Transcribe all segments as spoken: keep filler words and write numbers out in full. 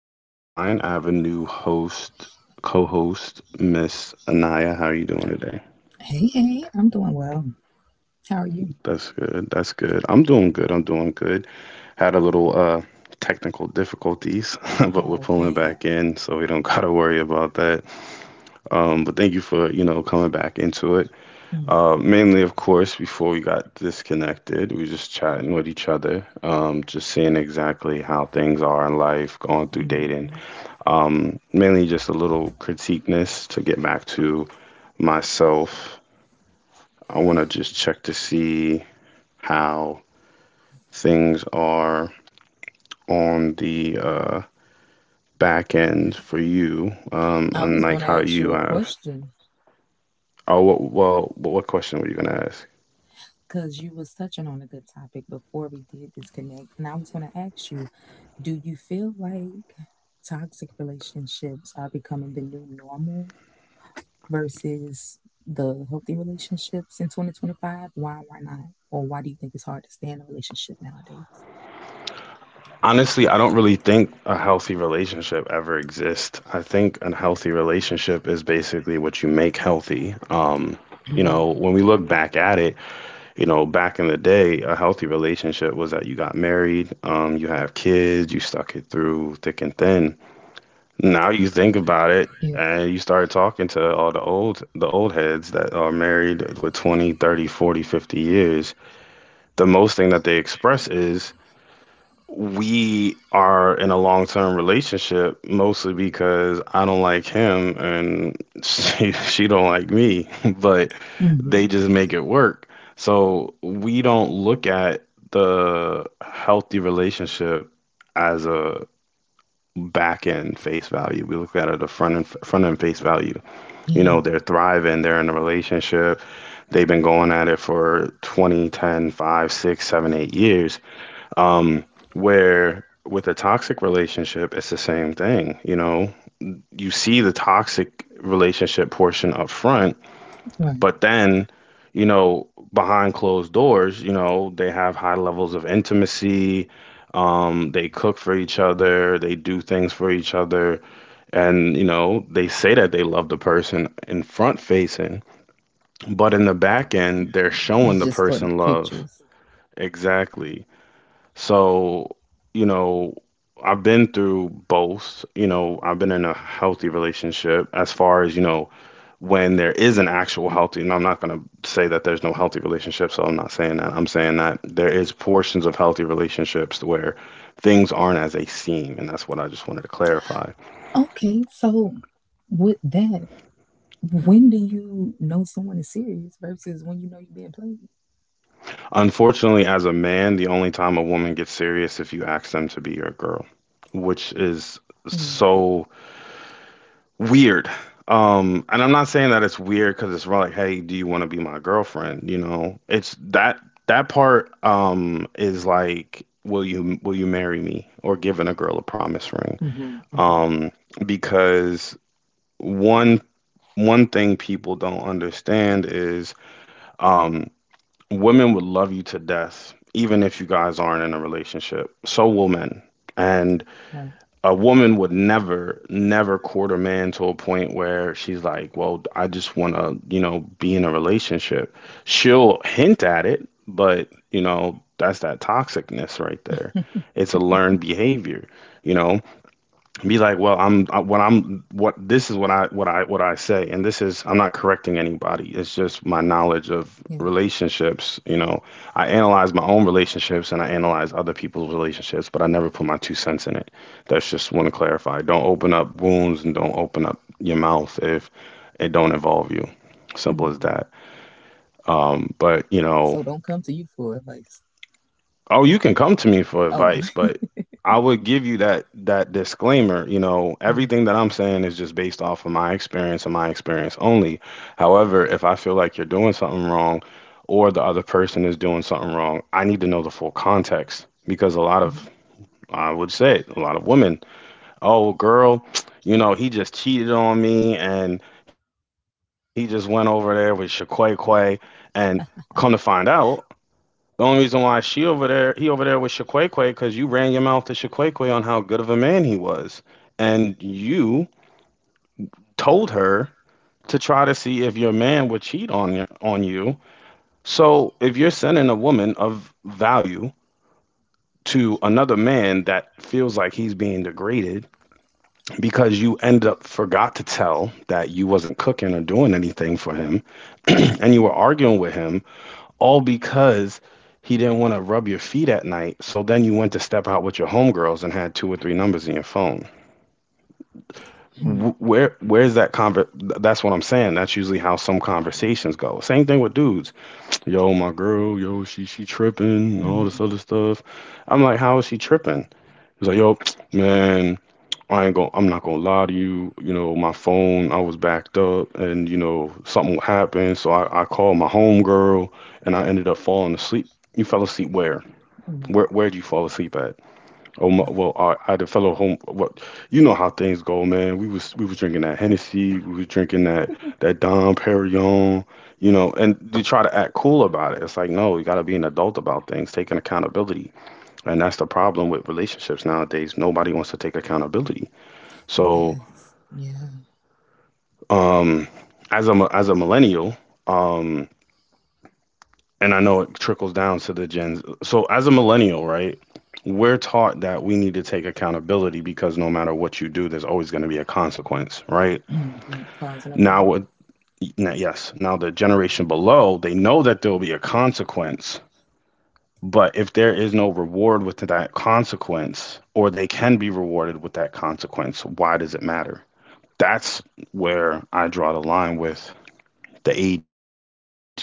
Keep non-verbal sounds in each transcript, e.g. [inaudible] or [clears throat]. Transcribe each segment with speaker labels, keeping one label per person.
Speaker 1: Corey Tremine. I have a new host, co-host, Miss Anaya. How are you doing today?
Speaker 2: Hey, hey, I'm doing well. How are you?
Speaker 1: That's good. That's good. I'm doing good. I'm doing good. Had a little uh technical difficulties, [laughs] but we're
Speaker 2: Oh
Speaker 1: pulling back
Speaker 2: man,
Speaker 1: in, so we don't [laughs] gotta worry about that. Um, but thank you for you know coming back into it.
Speaker 2: mhm.
Speaker 1: Uh, mainly, of course, before we got disconnected, we just chatting with each other, um, just seeing exactly how things are in life, going through dating, um, mainly just a little critiqueness to get back to myself. I want to just check to see how things are on the uh, back end for you, um,
Speaker 2: I was
Speaker 1: unlike
Speaker 2: going to
Speaker 1: how
Speaker 2: ask you
Speaker 1: you
Speaker 2: a
Speaker 1: have.
Speaker 2: question
Speaker 1: Oh, what, well, what what question were you gonna ask?
Speaker 2: because you was touching on a good topic before we did disconnect, and I was going to ask you, do you feel like toxic relationships are becoming the new normal versus the healthy relationships in twenty twenty-five? Why, why not? Or why do you think it's hard to stay in a relationship nowadays?
Speaker 1: Honestly, I don't really think a healthy relationship ever exists. I think a healthy relationship is basically what you make healthy. Um, you
Speaker 2: Mm,
Speaker 1: know, when we look back at it, you know, back in the day, a healthy relationship was that you got married, um, you have kids, you stuck it through thick and thin. Now you think about it
Speaker 2: yeah,
Speaker 1: and you start talking to all the old the old heads that are married with twenty, thirty, forty, fifty years. The most thing that they express is we are in a long term relationship mostly because I don't like him and she, [laughs] she don't like me, [laughs] but
Speaker 2: hmm,
Speaker 1: they just make it work. So we don't look at the healthy relationship as a back end face value. We look at it a front end front end face value. You
Speaker 2: yeah,
Speaker 1: know, they're thriving, they're in a relationship, they've been going at it for twenty, ten, five, six, seven, eight years, um, where with a toxic relationship, it's the same thing. You know, you see the toxic relationship portion up front,
Speaker 2: right.
Speaker 1: but then, you know, behind closed doors, you know, they have high levels of intimacy. Um, they cook for each other. They do things for each other. And, you know, they say that they love the person in front facing, but in the back end, they're showing
Speaker 2: It's
Speaker 1: the
Speaker 2: just for the
Speaker 1: person love.
Speaker 2: pictures.
Speaker 1: Exactly. So, you know, I've been through both. You know, I've been in a healthy relationship as far as, you know, when there is an actual healthy, and I'm not going to say that there's no healthy relationship, so I'm not saying that. I'm saying that there is portions of healthy relationships where things aren't as they seem, and that's what I just wanted to clarify.
Speaker 2: Okay, so with that, when do you know someone is serious versus when you know you're being played?
Speaker 1: Unfortunately, as a man, the only time a woman gets serious if you ask them to be your girl, which is
Speaker 2: Mm.
Speaker 1: so weird. Um, and I'm not saying that it's weird because it's like, hey, do you want to be my girlfriend? You know, it's that that part um is like, will you will you marry me or giving a girl a promise ring?
Speaker 2: Mm-hmm, mm-hmm,
Speaker 1: Um, because one one thing people don't understand is um women would love you to death even if you guys aren't in a relationship. So will men. And
Speaker 2: right.
Speaker 1: a woman would never, never court a man to a point where she's like, well, I just want to, you know, be in a relationship. She'll hint at it, but, you know, that's that toxicness right there. It's a learned behavior, you know? Be like, well, I'm I, what I'm what this is what I what I what I say, and this is I'm not correcting anybody. It's just my knowledge of
Speaker 2: Yeah.
Speaker 1: relationships. You know, I analyze my own relationships and I analyze other people's relationships, but I never put my two cents in it. That's just want to clarify. Don't open up wounds and don't open up your mouth if it don't involve you. Simple as
Speaker 2: Mm.
Speaker 1: that. Um, but you know,
Speaker 2: So don't come to you for advice.
Speaker 1: Oh, you can come to me for
Speaker 2: Oh.
Speaker 1: advice, but I would give you that that disclaimer, you know,
Speaker 2: [laughs] hmm,
Speaker 1: everything that I'm saying is just based off of my experience and my experience only. However, if I feel like you're doing something wrong or the other person is doing something wrong, I need to know the full context because a lot of, I would say it, a lot of women, oh girl, [tsk] you know, he just cheated on me and he just went over there with Shaquay Quay, and come to find out the only reason why she over there, he over there with Shaquaquay, because you ran your mouth to Shaquaquay on how good of a man he was, and you told her to try to see if your man would cheat on y- on you. So if you're sending a woman of value to another man that feels like he's being degraded because you end up forgot to tell that you wasn't cooking or doing anything for him, [clears throat] and you were arguing with him all because he didn't want to rub your feet at night. So then you went to step out with your homegirls and had two or three numbers in your phone.
Speaker 2: hmm,
Speaker 1: Where where's that conver? That's what I'm saying. That's usually how some conversations go. Same thing with dudes. Yo, my girl. Yo, she she tripping. All this
Speaker 2: hmm.
Speaker 1: other stuff. I'm like, how is she tripping? He's like, yo, man. I ain't going I'm not gonna lie to you. You know, my phone, I was backed up, and you know, something happened. So I, I called my homegirl, and I ended up falling asleep. You fell asleep where? Where
Speaker 2: Right.
Speaker 1: where do you fall asleep at? Oh my,
Speaker 2: Right.
Speaker 1: well, I, I had a fellow home. What, you know how things go, man. We was we was drinking that Hennessy. We was drinking that that Dom Perignon. You know, and you try to act cool about it. It's like no, you got to be an adult about things, taking accountability. And that's the problem with relationships nowadays. Nobody wants to take accountability. So,
Speaker 2: That's yeah.
Speaker 1: um, as a mi- as a millennial, um, and I know it trickles down to the gens. So as a millennial, right, we're taught that we need to take accountability because no matter what you do, there's always going to be a consequence, right?
Speaker 2: Mm-hmm. Cause and effect.
Speaker 1: Now, with- now, yes, now the generation below, they know that there will be a consequence, but if there is no reward with that consequence, or they can be rewarded with that consequence, why does it matter? That's where I draw the line with the age gap difference.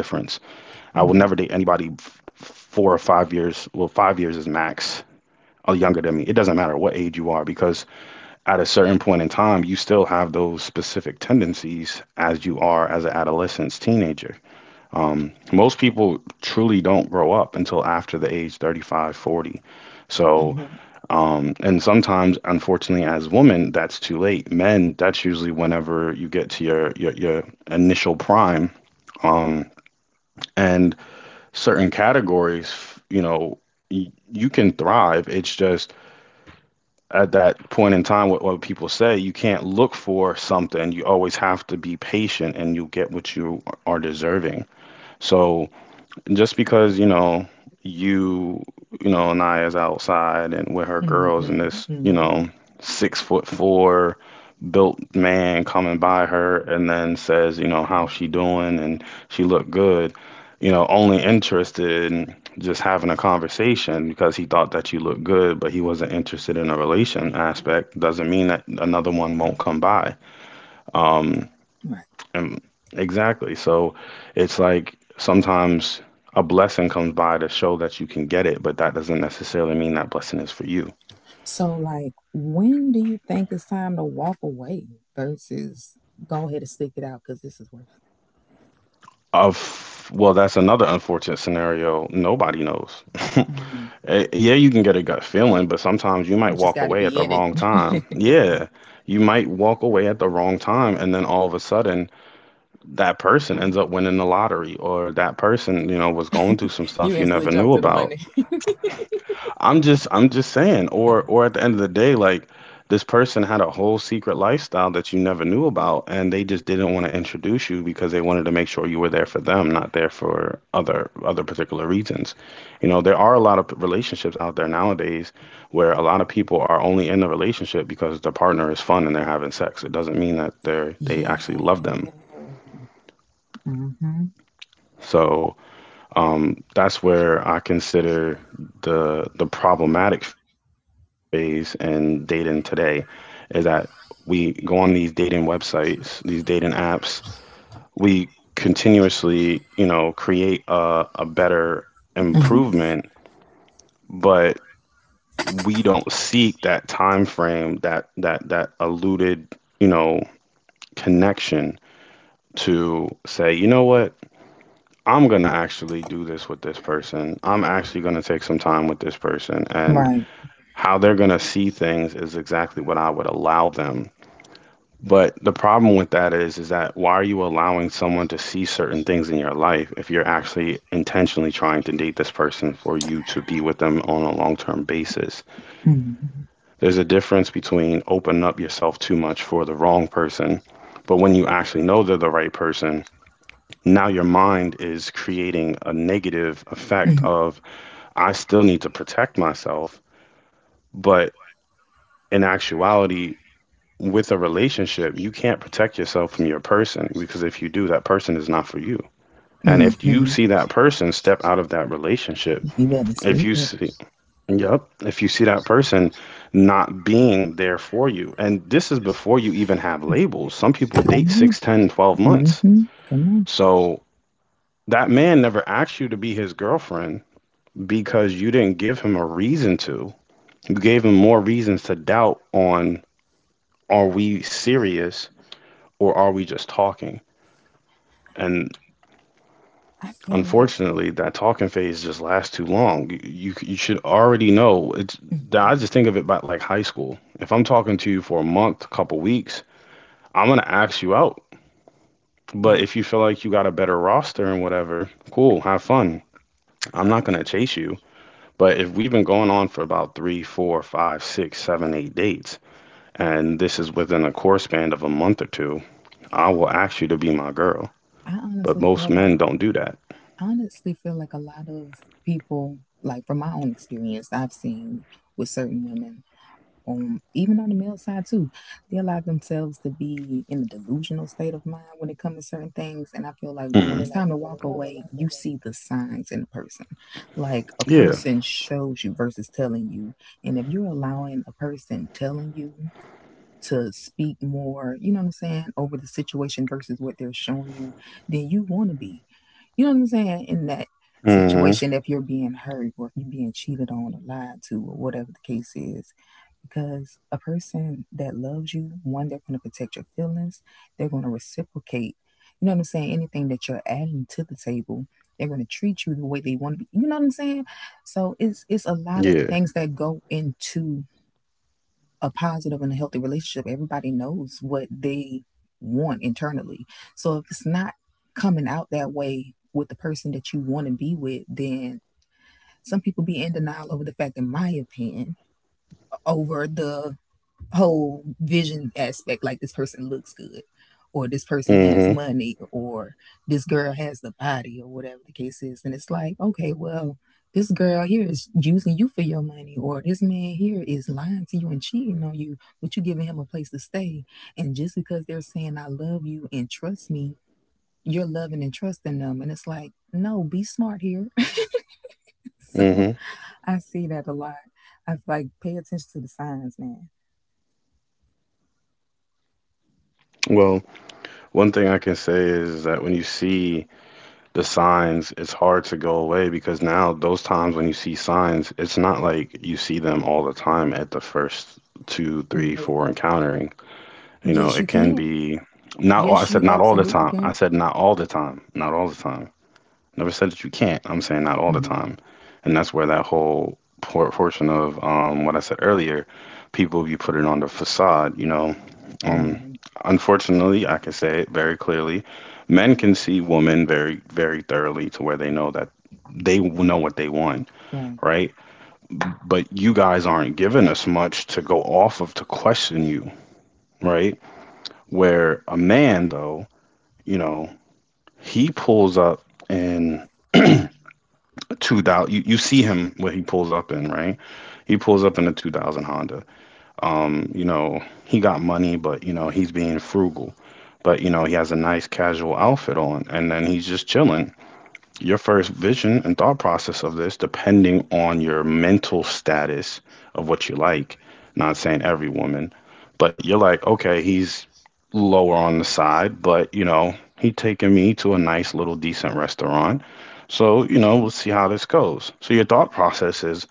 Speaker 1: I will never date anybody
Speaker 2: Hmm,
Speaker 1: f- four or five years. Well, five years is max. Or younger than me. It doesn't matter what age you are because at a certain point in time, you still have those specific tendencies as you are as an adolescent, teenager. Um, most people truly don't grow up until after the age thirty-five, forty. So,
Speaker 2: hmm,
Speaker 1: um, and sometimes, unfortunately, as women, that's too late. Men, that's usually whenever you get to your your, your initial prime. Um, and certain categories, you know, y- you can thrive. It's just at that point in time, what, what people say, you can't look for something. You always have to be patient and you'll get what you are deserving. So just because you know you you know Naya's outside and with her
Speaker 2: hmm,
Speaker 1: girls and this
Speaker 2: hmm.
Speaker 1: you know six foot four built man coming by her and then says you know how she doing, and she looked good, you know, only interested in just having a conversation because he thought that you looked good but he wasn't interested in a relation aspect doesn't mean that another one won't come by. Um
Speaker 2: Right.
Speaker 1: um, exactly. So it's like sometimes a blessing comes by to show that you can get it, but that doesn't necessarily mean that blessing is for you.
Speaker 2: So like, when do you think it's time to walk away versus go ahead and stick it out because this is worth
Speaker 1: Of well, that's another unfortunate scenario. Nobody knows. [laughs]
Speaker 2: it? Mm.
Speaker 1: Eh, yeah, you can get a gut feeling, but sometimes you
Speaker 2: You
Speaker 1: might
Speaker 2: just
Speaker 1: walk
Speaker 2: got to
Speaker 1: away at the
Speaker 2: be in it.
Speaker 1: wrong time. Yeah, you might walk away at the wrong time, and then all of a sudden, that person ends up winning the lottery, or that person, you know, was going through some
Speaker 2: [laughs] you
Speaker 1: stuff you
Speaker 2: instantly
Speaker 1: never
Speaker 2: jump
Speaker 1: knew
Speaker 2: to the
Speaker 1: about.
Speaker 2: money. [laughs]
Speaker 1: I'm just I'm just saying, or or at the end of the day, like this person had a whole secret lifestyle that you never knew about, and they just didn't want to introduce you because they wanted to make sure you were there for them, not there for other other particular reasons. You know, there are a lot of relationships out there nowadays where a lot of people are only in the relationship because their partner is fun and they're having sex. It doesn't mean that they're they
Speaker 2: yeah.
Speaker 1: actually love them.
Speaker 2: Mm-hmm.
Speaker 1: So um, that's where I consider the the problematic phase in dating today is that we go on these dating websites, these dating apps, we continuously, you know, create a, a better
Speaker 2: Hmm.
Speaker 1: improvement, but we don't seek that time frame, that that that eluded, you know, connection to say, you know what, I'm going to actually do this with this person. I'm actually going to take some time with this person. And
Speaker 2: Right.
Speaker 1: how they're going to see things is exactly what I would allow them. But the problem with that is, is that why are you allowing someone to see certain things in your life if you're actually intentionally trying to date this person for you to be with them on a long-term basis?
Speaker 2: Mm-hmm.
Speaker 1: There's a difference between opening up yourself too much for the wrong person, but when you actually know they're the right person, now your mind is creating a negative effect of I still need to protect myself. But in actuality, with a relationship, you can't protect yourself from your person because if you do, that person is not for you. And if you
Speaker 2: Hmm.
Speaker 1: see that person step out of that relationship,
Speaker 2: You better
Speaker 1: if
Speaker 2: speak
Speaker 1: you
Speaker 2: it.
Speaker 1: see, yep, if you see that person not being there for you, and this is before you even have labels. Some people date
Speaker 2: Come on.
Speaker 1: six, ten, twelve months.
Speaker 2: Mm-hmm. Come on.
Speaker 1: So that man never asked you to be his girlfriend because you didn't give him a reason to gave him more reasons to doubt on are we serious or are we just talking? And
Speaker 2: I feel like,
Speaker 1: unfortunately, that talking phase just lasts too long. You, you, you should already know. It's,
Speaker 2: mhm,
Speaker 1: I just think of it about like high school. If I'm talking to you for a month, a couple weeks, I'm going to ask you out. But
Speaker 2: like,
Speaker 1: if you feel like you got a better roster and whatever, cool, have fun. I'm not going to chase you. But if we've been going on for about three, four, five, six, seven, eight dates, and this is within a course span of a month or two, I will ask you to be my girl.
Speaker 2: I
Speaker 1: But
Speaker 2: honestly
Speaker 1: most
Speaker 2: feel
Speaker 1: men
Speaker 2: like,
Speaker 1: don't do that.
Speaker 2: honestly feel like a lot of people, like from my own experience, I've seen with certain women, um, even on the male side too, they allow themselves to be in a delusional state of mind when it comes to certain things. And I feel like when it's
Speaker 1: Mhm.
Speaker 2: time to walk away, you see the signs in a person. Like, a
Speaker 1: Yeah.
Speaker 2: person shows you versus telling you. And if you're allowing a person telling you to speak more, you know what I'm saying, over the situation versus what they're showing you, then you want to be. You know what I'm saying? In that
Speaker 1: Hmm.
Speaker 2: situation, if you're being hurt or if you're being cheated on or lied to or whatever the case is, because a person that loves you, one, they're going to protect your feelings, they're going to reciprocate. You know what I'm saying? Anything that you're adding to the table, they're going to treat you the way they want to be. You know what I'm saying? So it's it's a lot of
Speaker 1: Yeah.
Speaker 2: things that go into a positive and a healthy relationship. Everybody knows what they want internally. So if it's not coming out that way with the person that you want to be with, then some people be in denial over the fact, in my opinion, over the whole vision aspect, like this person looks good, or this person has
Speaker 1: Hmm.
Speaker 2: money, or this girl has the body, or whatever the case is. And it's like, okay, well, this girl here is using you for your money, or this man here is lying to you and cheating on you, but you giving him a place to stay. And just because they're saying I love you and trust me, you're loving and trusting them, and it's like, no, be smart here. [laughs] so
Speaker 1: Hmm.
Speaker 2: I see that a lot. I feel like, pay attention to the signs, man.
Speaker 1: Well, one thing I can say is that when you see the signs, it's hard to go away because now those times when you see signs, it's not like you see them all the time at the first two, three, four encountering. You know,
Speaker 2: Yes,
Speaker 1: it
Speaker 2: you
Speaker 1: can
Speaker 2: can.
Speaker 1: be not all, I
Speaker 2: Yes,
Speaker 1: said
Speaker 2: you
Speaker 1: not all the
Speaker 2: absolutely
Speaker 1: time. I
Speaker 2: can.
Speaker 1: said not all the time. Not all the time. Never said that you can't. I'm saying not all the
Speaker 2: Mm-hmm.
Speaker 1: time. And that's where that whole por- portion of um, what I said earlier, people, you put it on the facade, you know. Um,
Speaker 2: Mm-hmm.
Speaker 1: unfortunately, I can say it very clearly. Men can see women very, very thoroughly to where they know that they know what they want,
Speaker 2: Right.
Speaker 1: right? But you guys aren't giving us much to go off of to question you, right? Where a man, though, you know, he pulls up and [clears throat] two thousand. You, you see him what he pulls up in, right? He pulls up in a two thousand Honda. Um, you know, he got money, but you know he's being frugal. But you know he has a nice casual outfit on, and then he's just chilling your first vision and thought process of this, depending on your mental status of what you like. Not saying every woman, but you're like, okay, he's lower on the side, but you know, he taking me to a nice little decent restaurant. So, you know, we'll see how this goes. So your thought process is,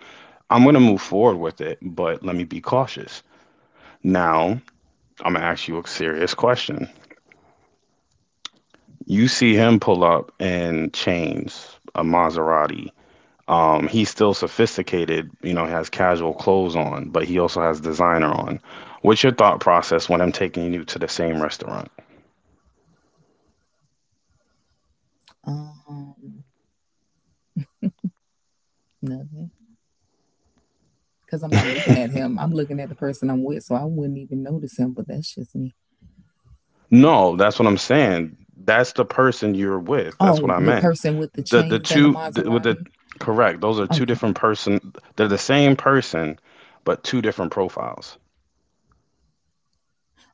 Speaker 1: I'm gonna move forward with it, but let me be cautious. Now, I'm gonna ask you a serious question. You see him pull up in chains, a Maserati. Um, he's still sophisticated, you know, has casual clothes on, but he also has designer on. What's your thought process when I'm taking you to the same restaurant?
Speaker 2: Um, nothing. Because I'm not looking at
Speaker 1: [laughs]
Speaker 2: him. I'm looking at the person I'm with, so I wouldn't even notice him, but that's just me.
Speaker 1: No, that's what I'm saying. That's the person you're with. That's what
Speaker 2: Oh,
Speaker 1: I
Speaker 2: the
Speaker 1: meant.
Speaker 2: person with the
Speaker 1: The the
Speaker 2: chains and the
Speaker 1: two the, with the
Speaker 2: Maserati?
Speaker 1: correct. Those are two different
Speaker 2: Okay.
Speaker 1: person. They're the same person, but two different profiles.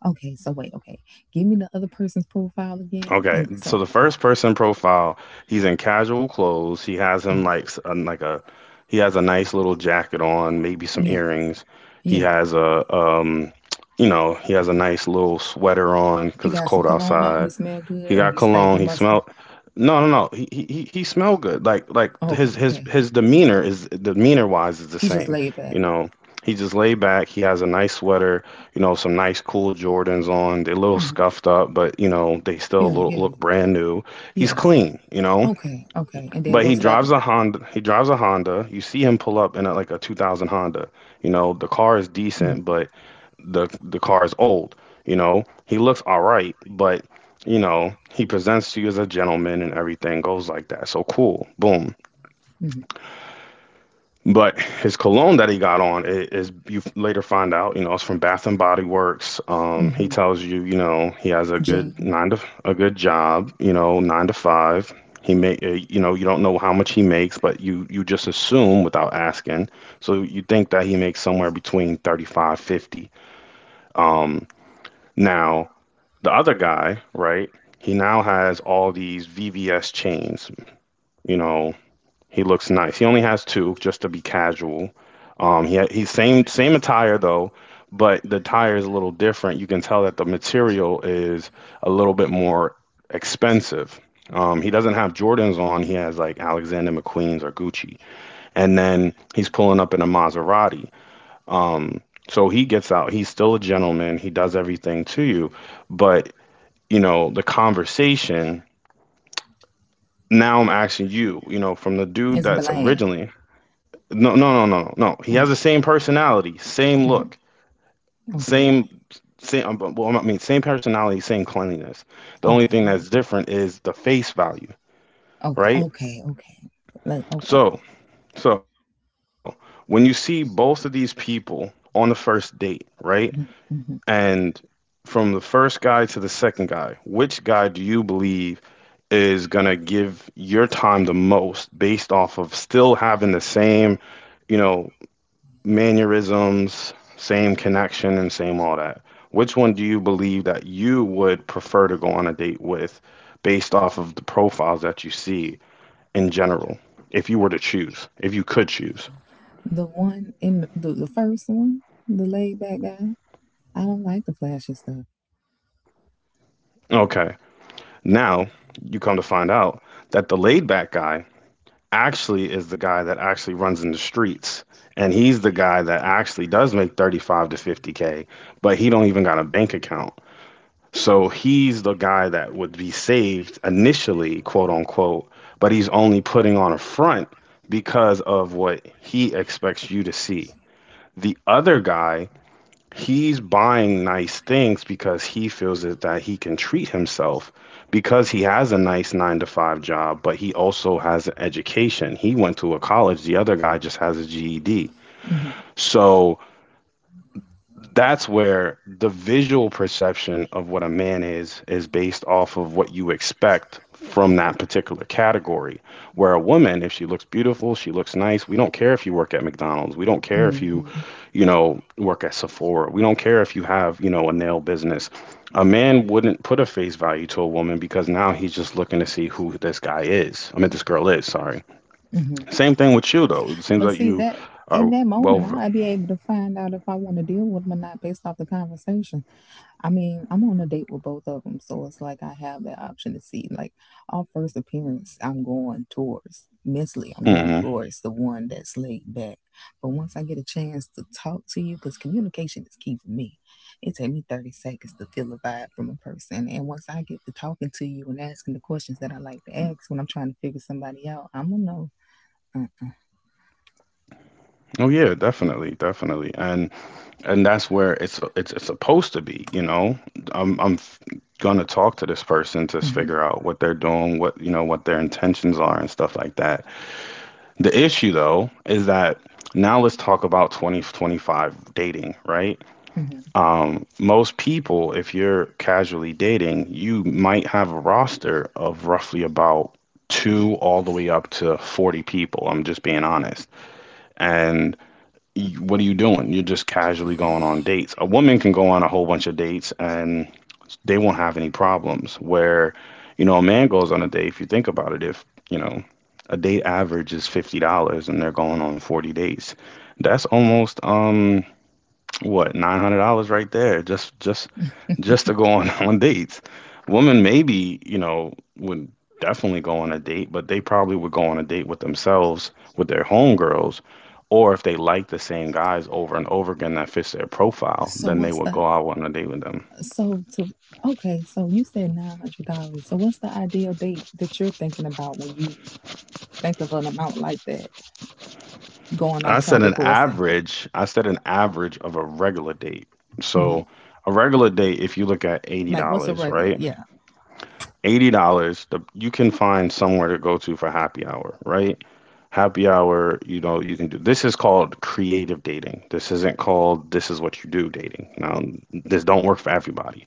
Speaker 2: Okay. So wait, okay. Give me the other person's profile again.
Speaker 1: Okay,
Speaker 2: And
Speaker 1: so
Speaker 2: so,
Speaker 1: the
Speaker 2: so—
Speaker 1: first person profile, he's in casual clothes. He has him
Speaker 2: mm,
Speaker 1: like s- uh, like a he has a nice little jacket on, maybe some
Speaker 2: yeah,
Speaker 1: earrings. He
Speaker 2: yeah.
Speaker 1: has a um [tsk] you know, he has a nice little sweater on
Speaker 2: He
Speaker 1: because it's
Speaker 2: got some
Speaker 1: cold
Speaker 2: cologne on. He
Speaker 1: outside.
Speaker 2: smell
Speaker 1: He
Speaker 2: good. Or
Speaker 1: got
Speaker 2: he stank.
Speaker 1: cologne.
Speaker 2: He
Speaker 1: He
Speaker 2: musty.
Speaker 1: smelled. No, no, no. He he he he smelled good. Like like
Speaker 2: Okay,
Speaker 1: his his
Speaker 2: okay.
Speaker 1: his demeanor is demeanor wise is the
Speaker 2: He just
Speaker 1: same.
Speaker 2: laid
Speaker 1: You
Speaker 2: back.
Speaker 1: know, he just laid back. He has a nice sweater. You know, some nice cool Jordans on. They're a little
Speaker 2: Uh-huh.
Speaker 1: scuffed up, but you know they still
Speaker 2: Yeah,
Speaker 1: look,
Speaker 2: yeah,
Speaker 1: look brand new. He's
Speaker 2: yeah.
Speaker 1: clean. You know,
Speaker 2: Okay, okay. And then
Speaker 1: but
Speaker 2: go
Speaker 1: he
Speaker 2: to the other
Speaker 1: drives a
Speaker 2: guy.
Speaker 1: Honda. He drives a Honda. You see him pull up in a, like a two thousand Honda. You know, the car is
Speaker 2: Mm
Speaker 1: decent,
Speaker 2: hmm.
Speaker 1: but the the car is old. You know, he looks all right, but you know, he presents to you as a gentleman and everything goes like that. So cool, boom.
Speaker 2: Hmm.
Speaker 1: But his cologne that he got on i- is you f- later find out, you know, it's from Bath and Body Works. Um, he
Speaker 2: Hmm.
Speaker 1: tells you, you know, he has a good
Speaker 2: Jim
Speaker 1: nine to a good job, you know, nine to five. He may, uh, you know, you don't know how much he makes, but you you just assume without asking. So you think that he makes somewhere between thirty-five, fifty. Um. Now, the other guy, right? He now has all these V V S chains. You know, he looks nice. He only has two, just to be casual. Um, he ha- he's same same attire though, but the attire is a little different. You can tell that the material is a little bit more expensive. Um, he doesn't have Jordans on. He has like Alexander McQueen's or Gucci, and then he's pulling up in a Maserati. Um, so he gets out. He's still a gentleman. He does everything to you, but you know, the conversation, now I'm asking you, you know, from the dude
Speaker 2: is
Speaker 1: that's
Speaker 2: bland.
Speaker 1: originally no, no, no, no, no. no. He has the same personality, same
Speaker 2: Mhm,
Speaker 1: look,
Speaker 2: mhm.
Speaker 1: same, same. um, but- Well, I mean, same personality, same cleanliness. The only thing
Speaker 2: Okay,
Speaker 1: that's different is the face value,
Speaker 2: okay,
Speaker 1: right?
Speaker 2: okay, okay, okay. Let— okay.
Speaker 1: So, so when you see both of these people on the first date, right,
Speaker 2: Mhm, mhm.
Speaker 1: and from the first guy to the second guy, which guy do you believe is going to give your time the most based off of still having the same, you know, mannerisms, same connection, and same all that? Which one do you believe that you would prefer to go on a date with based off of the profiles that you see in general, if you were to choose, if you could choose?
Speaker 2: The one in the, the, the first one, the laid back guy, I don't like the flashy stuff.
Speaker 1: Okay. Now you come to find out that the laid back guy actually is the guy that actually runs in the streets and he's the guy that actually does make thirty-five to fifty k but he don't even got a bank account so he's the guy that would be saved initially quote unquote but he's only putting on a front because of what he expects you to see the other guy He's buying nice things because he feels that, that he can treat himself because he has a nice nine to five job, but he also has an education. He went to a college, the other guy just has a G E D.
Speaker 2: Hmm.
Speaker 1: So that's where the visual perception of what a man is is based off of what you expect from that particular category. Where a woman, if she looks beautiful, she looks nice, we don't care if you work at McDonald's. We don't care if you,
Speaker 2: Hmm.
Speaker 1: you know, work at Sephora. We don't care if you have, you know, a nail business. A man wouldn't put a face value to a woman because now he's just looking to see who this guy is. I mean, this girl is, sorry.
Speaker 2: Hmm.
Speaker 1: Same thing with you, though. It seems
Speaker 2: But
Speaker 1: like
Speaker 2: see,
Speaker 1: you
Speaker 2: that
Speaker 1: are
Speaker 2: in that
Speaker 1: well.
Speaker 2: moment,
Speaker 1: v-
Speaker 2: I'll be able to find out if I want to deal with him or not based off the conversation. I mean, I'm on a date with both of them, so it's like I have that option to see. Like, our first appearance, I'm going towards mentally, I'm going
Speaker 1: mhm.
Speaker 2: towards the one that's laid back. But once I get a chance to talk to you, because communication is key for me, it take me thirty seconds to feel a vibe from a person. And once I get to talking to you and asking the questions that I like to ask when I'm trying to figure somebody out, I'm gonna know. Uh-uh.
Speaker 1: Oh, yeah, definitely, definitely. And and that's where it's a- it's it's supposed to be. You know, I'm I'm f- gonna talk to this person to s-
Speaker 2: Hmm.
Speaker 1: figure out what they're doing, what you know, what their intentions are, and stuff like that. The issue though is that now let's talk about twenty twenty-five dating, right?
Speaker 2: Hmm.
Speaker 1: Um, most people, if you're casually dating, you might have a roster of roughly about two all the way up to forty people. I'm just being honest, and y- what are you doing? You're just casually going on dates. A woman can go on a whole bunch of dates and they won't have any problems. Where, you know, a man goes on a date, if you think about it, if, you know, a date average is fifty dollars and they're going on forty dates, that's almost um what, nine hundred dollars right there, just just just to go on [laughs] on dates. Women, maybe you know would definitely go on a date, but they probably would go on a date with themselves, with their homegirls, or if they like the same guys over and over again that fits their profile,
Speaker 2: So
Speaker 1: then they
Speaker 2: what's
Speaker 1: would
Speaker 2: the
Speaker 1: go out on a date with them.
Speaker 2: So to Okay, so you said nine hundred dollars. So what's the ideal date that you're thinking about when you think of an amount like that? Going on
Speaker 1: i said an
Speaker 2: topic for a second.
Speaker 1: average i said an average of a regular date.
Speaker 2: Mm-hmm.
Speaker 1: So a regular date, if you look at
Speaker 2: Like, what's a
Speaker 1: eighty dollars,
Speaker 2: regular?
Speaker 1: right,
Speaker 2: Yeah.
Speaker 1: eighty dollars, the you can find somewhere to go to for happy hour, right? Happy hour, you know, you can do, this is called creative dating. This isn't called, this is what you do dating. Now, this don't work for everybody.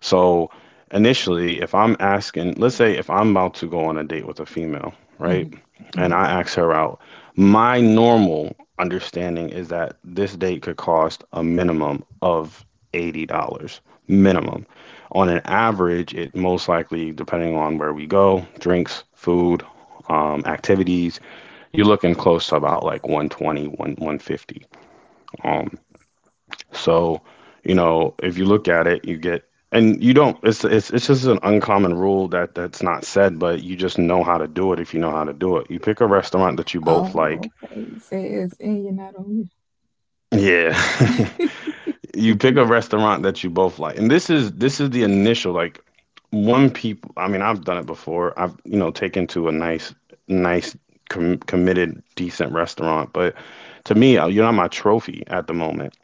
Speaker 1: So initially, if I'm asking, let's say if I'm about to go on a date with a female, right?
Speaker 2: Hmm.
Speaker 1: And
Speaker 2: Hmm.
Speaker 1: I ask her out, my normal understanding is that this date could cost a minimum of eighty dollars minimum. On an average, it most likely, depending on where we go, drinks, food, um, activities, you're looking close to about like one twenty, one, one fifty. Um, so, you know, if you look at it, you get, and you don't, it's it's it's just an uncommon rule that that's not said, but you just know how to do it if you know how to do it. You pick a restaurant that you both like.
Speaker 2: Oh, okay. Says and you're not on
Speaker 1: Yeah. [laughs] You pick a restaurant that you both like. And this is this is the initial, like, one people, I mean, I've done it before. I've, you know, taken to a nice nice com committed decent restaurant, but to me, uh, you're not my trophy at the moment.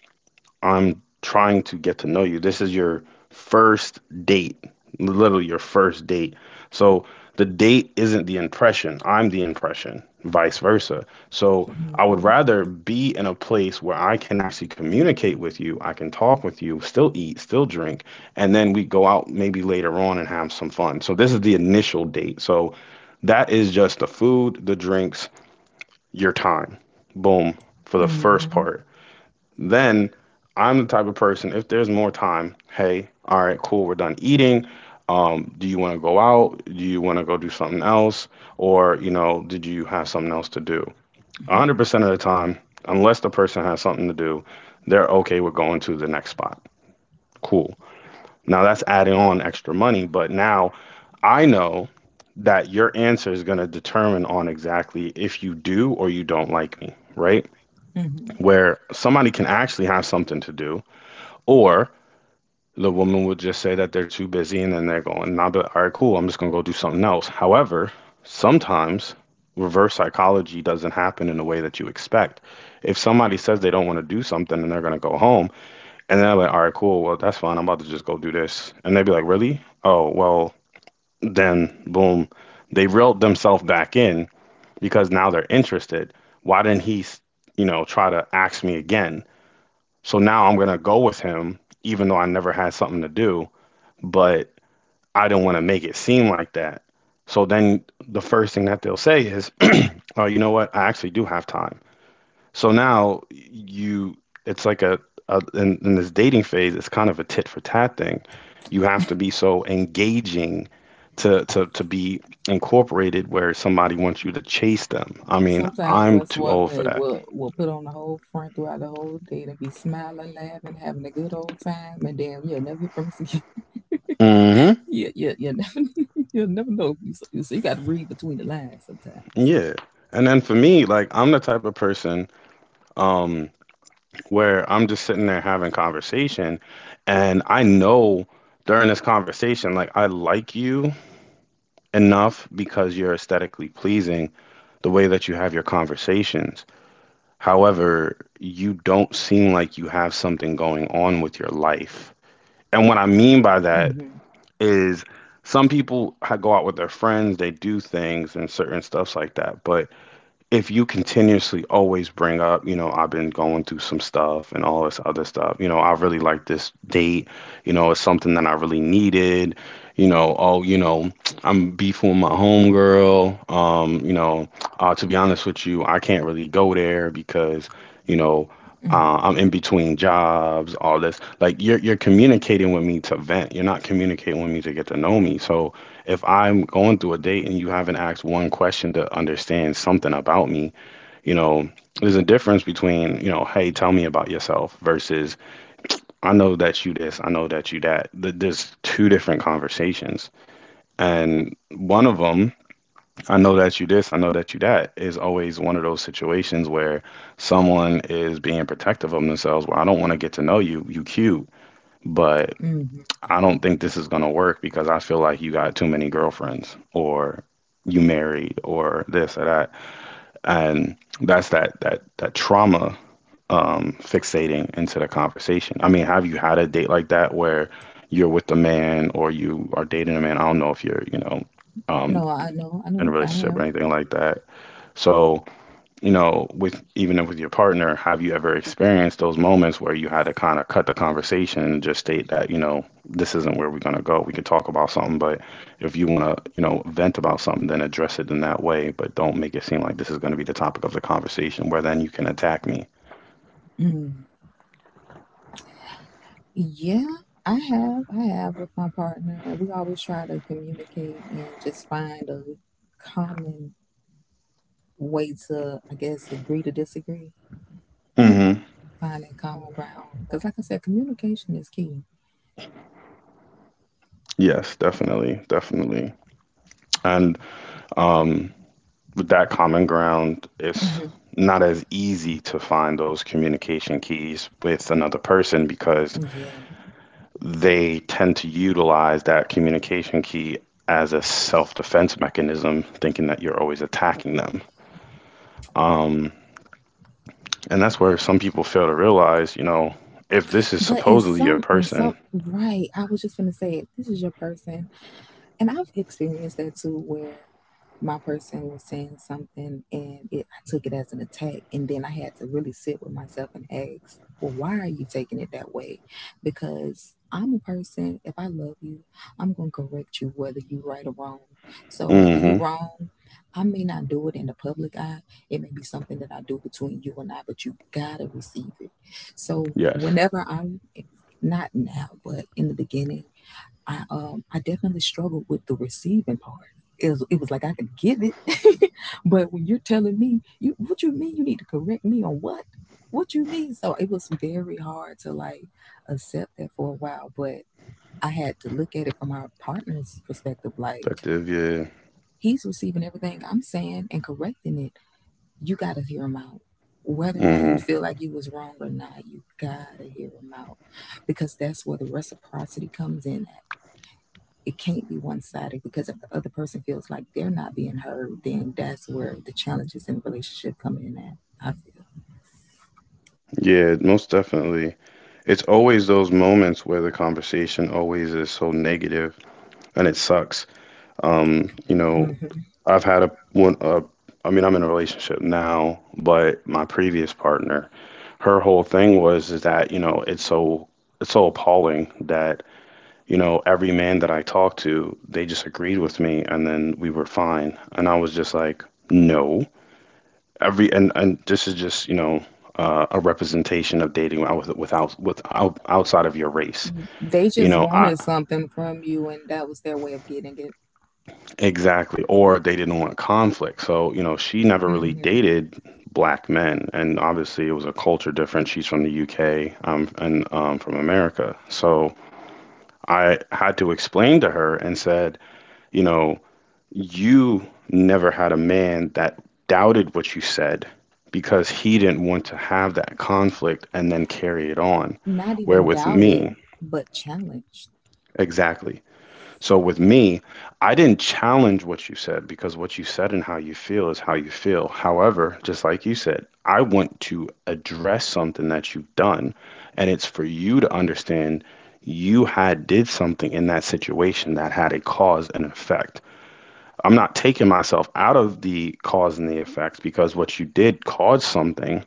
Speaker 1: I'm trying to get to know you. This is your first date, literally your first date. So the date isn't the impression, I'm the impression, vice versa. So I would
Speaker 2: you.
Speaker 1: rather be in a place where I can actually communicate with you, I can talk with you, still eat, still drink, and then we go out maybe later on and have some fun. So this is the initial date. So that is just the food, the drinks, your time. Boom, for the first
Speaker 2: Mm-hmm.
Speaker 1: part. Then I'm the type of person, if there's more time, hey, all right, cool, we're done eating. Um, do you want to go out? Do you want to go do something else? Or, you know, did you have something else to do? one hundred percent of the time, unless the person has something to do, they're okay with going to the next spot. Cool. Now that's adding on extra money, but now I know that your answer is going to determine on exactly if you do or you don't like me, right?
Speaker 2: Hmm.
Speaker 1: Where somebody can actually have something to do, or the woman would just say that they're too busy, and then they're going, nah, but all right, cool, I'm just going to go do something else. However, sometimes reverse psychology doesn't happen in the way that you expect. If somebody says they don't want to do something and they're going to go home, and they're like, all right, cool, well, that's fine, I'm about to just go do this. And they'd be like, really? Oh, well, then boom, they reeled themselves back in because now they're interested. Why didn't he, you know, try to ask me again? So now I'm going to go with him, even though I never had something to do, but I don't want to make it seem like that. So then the first thing that they'll say is, [clears throat] "Oh, you know what? I actually do have time." So now you, it's like a, a in, in this dating phase, it's kind of a tit for tat thing. You have to be so engaging to to to be incorporated where somebody wants you to chase them. I mean,
Speaker 2: Sometimes
Speaker 1: I'm
Speaker 2: us
Speaker 1: too old for
Speaker 2: women
Speaker 1: that.
Speaker 2: will will put on the whole front throughout the whole day and be smiling, laughing, having a good old time, and then you'll never hear from us again.
Speaker 1: Hmm.
Speaker 2: Yeah, yeah, you never, [laughs] you'll never know. So, so you got to read between the lines sometimes.
Speaker 1: Yeah. And then for me, like, I'm the type of person, um, where I'm just sitting there having conversation, and I know during this conversation, like, I like you enough because you're aesthetically pleasing, the way that you have your conversations. However, you don't seem like you have something going on with your life. And what I mean by that
Speaker 2: Hmm.
Speaker 1: is, some people ha- go out with their friends, they do things and certain stuffs like that, but if you continuously always bring up, you know, I've been going through some stuff and all this other stuff, you know, I really like this date, you know, it's something that I really needed, you know, oh, you know, [tsk] I'm beefing with my homegirl, um, you know, uh, to be honest with you, I can't really go there because, you know, uh,
Speaker 2: Hmm.
Speaker 1: I'm in between jobs, all this. Like, you're you're communicating with me to vent. You're not communicating with me to get to know me. So, if I'm going through a date and you haven't asked one question to understand something about me, you know, there's a difference between, you know, hey, tell me about yourself versus I know that you this, I know that you that. Th- There's two different conversations. And one of them, I know that you this, I know that you that, is always one of those situations where someone is being protective of themselves, where I don't want to get to know you, you cute. But
Speaker 2: Hmm.
Speaker 1: I don't think this is going to work because I feel like you got too many girlfriends, or you married, or this or that. And that's that that that trauma um fixating into the conversation. I mean, have you had a date like that where you're with a man or you are dating a man? I don't know if you're, you know, um
Speaker 2: No, I know, I
Speaker 1: in
Speaker 2: know,
Speaker 1: a
Speaker 2: I
Speaker 1: relationship or
Speaker 2: have.
Speaker 1: anything like that. So you know, with, even with your partner, have you ever experienced those moments where you had to kind of cut the conversation and just state that, you know, this isn't where we're going to go. We could talk about something, but if you want to, you know, vent about something, then address it in that way, but don't make it seem like this is going to be the topic of the conversation where then you can attack me.
Speaker 2: Mm. Yeah, I have, I have with my partner, and we always try to communicate and just find a common way to, I guess, agree to disagree,
Speaker 1: Hmm.
Speaker 2: find that common ground. Because, like I said, communication is key.
Speaker 1: Yes, definitely, definitely. And um, with that common ground, it's
Speaker 2: Hmm.
Speaker 1: not as easy to find those communication keys with another person because
Speaker 2: Yeah,
Speaker 1: they tend to utilize that communication key as a self defense mechanism, thinking that you're always attacking them. Um, and that's where some people fail to realize, you know, if this is
Speaker 2: but in
Speaker 1: supposedly your
Speaker 2: some, in some,
Speaker 1: person,
Speaker 2: right? I was just gonna say, if this is your person. And I've experienced that too, where my person was saying something and it, I took it as an attack. And then I had to really sit with myself and ask, well, why are you taking it that way? Because I'm a person, if I love you, I'm going to correct you whether you're right or wrong. So whether you're
Speaker 1: mm-hmm,
Speaker 2: wrong, I may not do it in the public eye. It may be something that I do between you and I, but you got to receive it. So
Speaker 1: yes,
Speaker 2: whenever I'm, not now, but in the beginning, I um I definitely struggled with the receiving part. It was, it was like I could give it, [laughs] but when you're telling me, you what you mean you need to correct me on what? What you mean? So it was very hard to like accept that for a while, but I had to look at it from our partner's perspective. Like,
Speaker 1: effective, yeah,
Speaker 2: he's receiving everything I'm saying and correcting it. You got to hear him out, whether or not
Speaker 1: mm-hmm,
Speaker 2: you feel like you was wrong or not. You gotta hear him out, because that's where the reciprocity comes in. It can't be one sided, because if the other person feels like they're not being heard, then that's where the challenges in the relationship come in at. I feel.
Speaker 1: yeah, most definitely. It's always those moments where the conversation always is so negative, and it sucks. Um, you know,
Speaker 2: Hmm.
Speaker 1: I've had a one uh, I mean, I'm in a relationship now, but my previous partner, her whole thing was is that, you know, it's so it's so appalling that, you know, every man that I talked to, they just agreed with me and then we were fine. And I was just like, no. Every and and this is just, you know, uh, a representation of dating out- without with outside of your race.
Speaker 2: They
Speaker 1: You
Speaker 2: just
Speaker 1: know, I
Speaker 2: wanted something from you, and that was their way of getting it.
Speaker 1: Exactly. Or they didn't want conflict. So, you know, she never really
Speaker 2: Hmm.
Speaker 1: dated black men. And obviously, it was a culture difference. She's from the U K, um, and um, from America. So I had to explain to her and said, you know, you never had a man that doubted what you said because he didn't want to have that conflict and then carry it on.
Speaker 2: Not
Speaker 1: Where
Speaker 2: even
Speaker 1: with
Speaker 2: doubted,
Speaker 1: me,
Speaker 2: but challenged.
Speaker 1: exactly. So with me, I didn't challenge what you said because what you said and how you feel is how you feel. However, just like you said, I want to address something that you've done, and it's for you to understand you had did something in that situation that had a cause and effect. I'm not taking myself out of the cause and the effects because what you did caused something,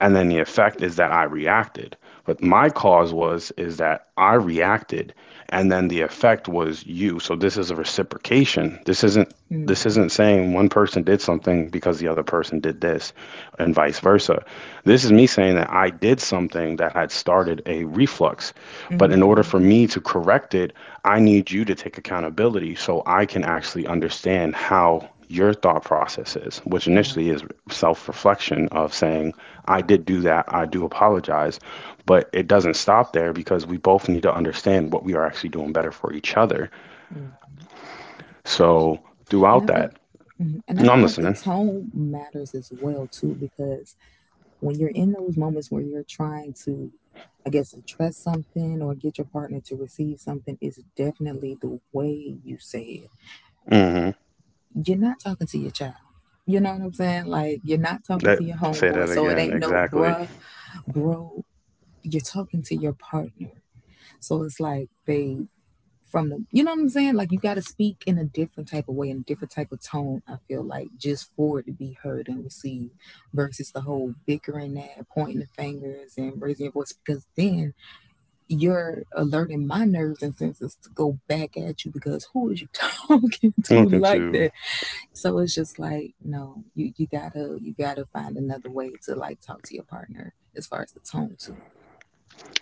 Speaker 1: and then the effect is that I reacted. But my cause was is that I reacted, and then the effect was you. So this is a reciprocation. This isn't this isn't
Speaker 2: Hmm.
Speaker 1: saying one person did something because the other person did this and vice versa. This is me saying that I did something that had started a reflux. But in order for
Speaker 2: Hmm.
Speaker 1: me to correct it, I need you to take accountability so I can actually understand how your thought process is, which
Speaker 2: Right.
Speaker 1: initially is self reflection of saying, I did do that. I do apologize. But it doesn't stop there because we both need to understand what we are actually doing better for each other.
Speaker 2: Right.
Speaker 1: So
Speaker 2: And
Speaker 1: throughout
Speaker 2: I
Speaker 1: that,
Speaker 2: feel, mhm. And I
Speaker 1: no,
Speaker 2: feel
Speaker 1: I'm
Speaker 2: like the
Speaker 1: listening.
Speaker 2: tone matters as well too, because when you're in those moments where you're trying to, I guess, address something or get your partner to receive something, is definitely the way you say it.
Speaker 1: Hmm.
Speaker 2: You're not talking to your child. You know what I'm saying? Like, you're not talking
Speaker 1: That
Speaker 2: to your
Speaker 1: Say
Speaker 2: homeboy,
Speaker 1: that
Speaker 2: so it
Speaker 1: again.
Speaker 2: ain't no
Speaker 1: Exactly.
Speaker 2: bruh, bro. You're talking to your partner. So it's like, babe, from the, you know what I'm saying? Like, you gotta speak in a different type of way, in a different type of tone, I feel like, just for it to be heard and received versus the whole bickering, that pointing the fingers and raising your voice, because then you're alerting my nerves and senses to go back at you, because who is you [laughs] talking to
Speaker 1: Looking
Speaker 2: like
Speaker 1: to.
Speaker 2: that? So it's just like, no, you, you gotta you gotta find another way to like talk to your partner as far as the tone too.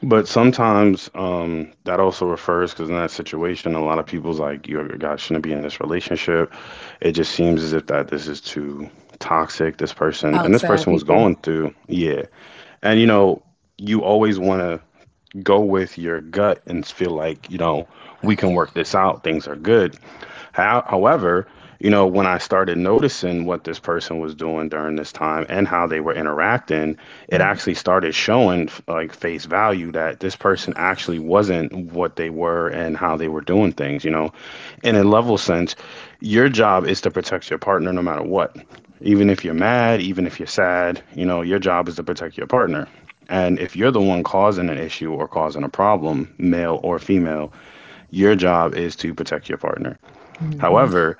Speaker 1: But sometimes, um, that also refers because in that situation, a lot of people's like, "You guys shouldn't be in this relationship." It just seems as if that this is too toxic. This person and this
Speaker 2: Outside
Speaker 1: person was
Speaker 2: people.
Speaker 1: going through. Yeah. And you know, you always want to go with your gut and feel like, you know, we can work this out. Things are good how, however, you know, when I started noticing what this person was doing during this time and how they were interacting, it
Speaker 2: Mm-hmm.
Speaker 1: actually started showing f- like face value that this person actually wasn't what they were and how they were doing things, you know. In a level sense, your job is to protect your partner no matter what. Even if you're mad, even if you're sad, you know, your job is to protect your partner. And if you're the one causing an issue or causing a problem, male or female, your job is to protect your partner.
Speaker 2: Mm-hmm.
Speaker 1: However,